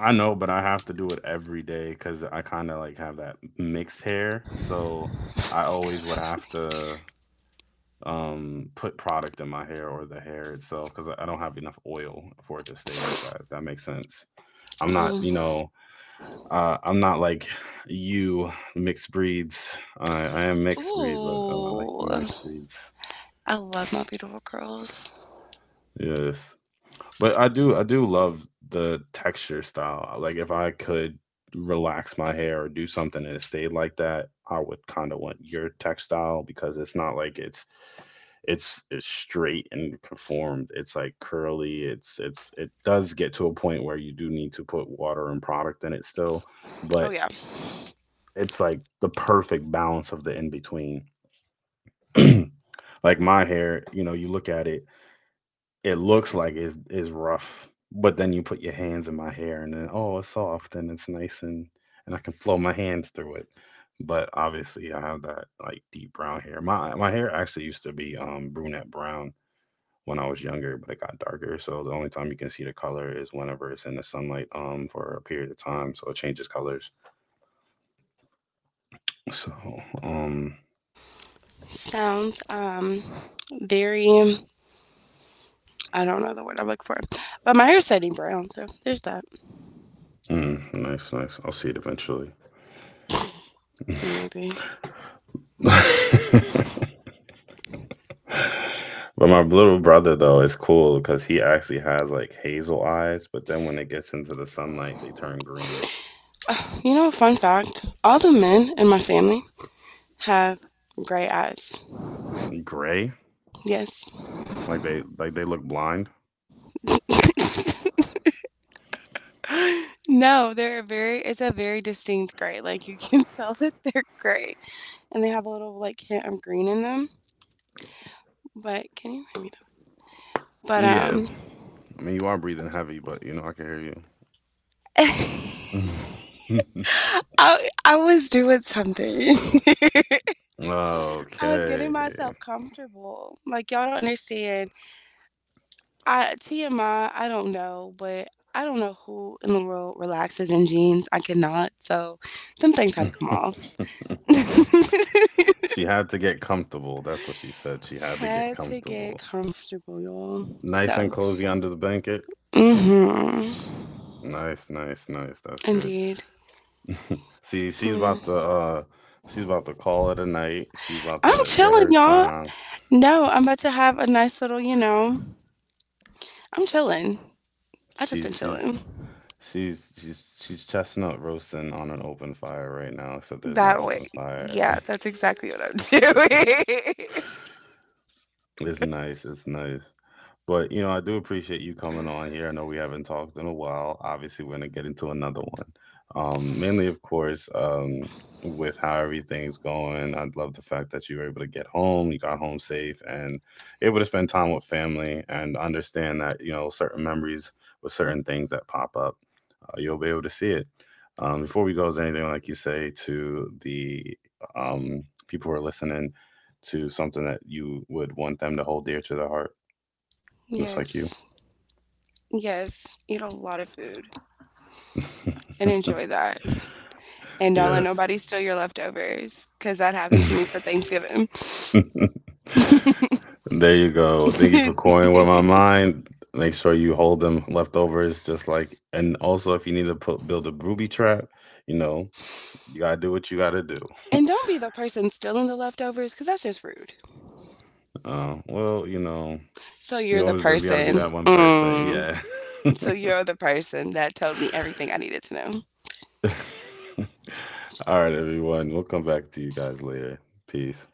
Speaker 1: I know, but I have to do it every day because I kind of like have that mixed hair. So
Speaker 2: Oh
Speaker 1: I
Speaker 2: my God,
Speaker 1: always would
Speaker 2: I'm
Speaker 1: have to put product in my hair or the hair itself because I don't have enough oil for it to
Speaker 2: being
Speaker 1: stay like
Speaker 2: stupid.
Speaker 1: that. If that makes sense. I'm not, you
Speaker 2: Mhm.
Speaker 1: know, I'm not like you mixed breeds. I am mixed breed, but I'm not like
Speaker 2: Ooh,
Speaker 1: you mixed breeds.
Speaker 2: I love my beautiful curls.
Speaker 1: Yes, but I do love the texture style. Like if I could relax my hair or do something and it stayed like that, I would kind of want your textile because it's not like it's straight and conformed. It's like curly. It does get to a point where you do need to put water and product in it still,
Speaker 2: Oh
Speaker 1: but
Speaker 2: yeah,
Speaker 1: it's like the perfect balance of the in between. (clears throat) Like my hair, you know, you look at it, it looks like it's is rough, but then you put your hands in my hair and then, oh, it's soft and it's nice, and I can flow my hands through it. But obviously, I have that like deep brown hair. My hair actually used to be brunette brown when I was younger, but it got darker. So the only time you can see the color is whenever it's in the sunlight for a period of time, so it changes colors. So um
Speaker 2: sounds very. I don't know the word I'm looking for, but my hair's setting brown, so there's that.
Speaker 1: mm, nice, nice. I'll see it eventually.
Speaker 2: Maybe.
Speaker 1: (laughs) But my little brother though is cool because he actually has like hazel eyes, but then when it gets into the sunlight, they turn green,
Speaker 2: (sighs) You know, fun fact, all the men in my family have gray eyes.
Speaker 1: gray,
Speaker 2: Yes.
Speaker 1: like they look blind.
Speaker 2: (laughs) No, they're very, it's a very distinct gray. Like, you can (laughs) tell that they're gray and they have a little, like, hint of green in them. But can you hear me though? But,
Speaker 1: Yeah, I mean you are breathing heavy, but you know I can
Speaker 2: (laughs)
Speaker 1: hear you.
Speaker 2: I was doing something. (laughs)
Speaker 1: (laughs)
Speaker 2: I was
Speaker 1: Okay.
Speaker 2: getting myself comfortable. Like, y'all don't understand. I TMI, I don't know, but I don't know who in the world relaxes in jeans. I cannot. So them things had to come off. (laughs)
Speaker 1: She had to get comfortable. That's what she said. She had to get
Speaker 2: Had to get
Speaker 1: comfortable.
Speaker 2: comfortable, y'all.
Speaker 1: Nice and
Speaker 2: So,
Speaker 1: cozy under the blanket.
Speaker 2: mm-hmm.
Speaker 1: Nice, nice, nice. That's good.
Speaker 2: Indeed.
Speaker 1: See,
Speaker 2: Mm.
Speaker 1: she's about to call it a night. She's about
Speaker 2: I'm
Speaker 1: to get
Speaker 2: chilling,
Speaker 1: her
Speaker 2: y'all.
Speaker 1: time.
Speaker 2: No, I'm about to have a nice little, you know, I'm chilling. I just been
Speaker 1: She's she's
Speaker 2: chilling.
Speaker 1: she's chestnut roasting on an open fire right now, except there's no
Speaker 2: That way.
Speaker 1: open fire.
Speaker 2: Yeah,
Speaker 1: (laughs)
Speaker 2: that's exactly what I'm
Speaker 1: It's nice, it's nice. But you know, I do appreciate you
Speaker 2: (laughs) doing.
Speaker 1: coming on here. I know we haven't talked in a while. Obviously, we're gonna get into another one. Mainly, of course, with how everything's going. I love the fact that you were able to get home, you got home safe, and able to spend time with family and understand that you know certain memories with certain things that pop up, you'll be able to see it. Before we go, is there anything like you say to the people who are listening to something that you would want them to hold dear to their heart, just like you?
Speaker 2: Yes. Yes, eat a lot of food and enjoy that. And don't let
Speaker 1: Yes.
Speaker 2: nobody steal your leftovers because that happened to me for
Speaker 1: (laughs)
Speaker 2: Thanksgiving. (laughs)
Speaker 1: There you go. Thank you for coin with my mind. Make sure you hold them leftovers just like, and also if you need to put build a booby trap, you know, you gotta do what you gotta do.
Speaker 2: And don't be the person stealing the leftovers because that's just rude.
Speaker 1: Well, you know,
Speaker 2: So you're
Speaker 1: you
Speaker 2: the
Speaker 1: always gotta be that
Speaker 2: person.
Speaker 1: one person.
Speaker 2: Mm,
Speaker 1: Yeah.
Speaker 2: so you're the person that told me everything I needed to know.
Speaker 1: (laughs) All right, everyone. We'll come back to you guys later. Peace.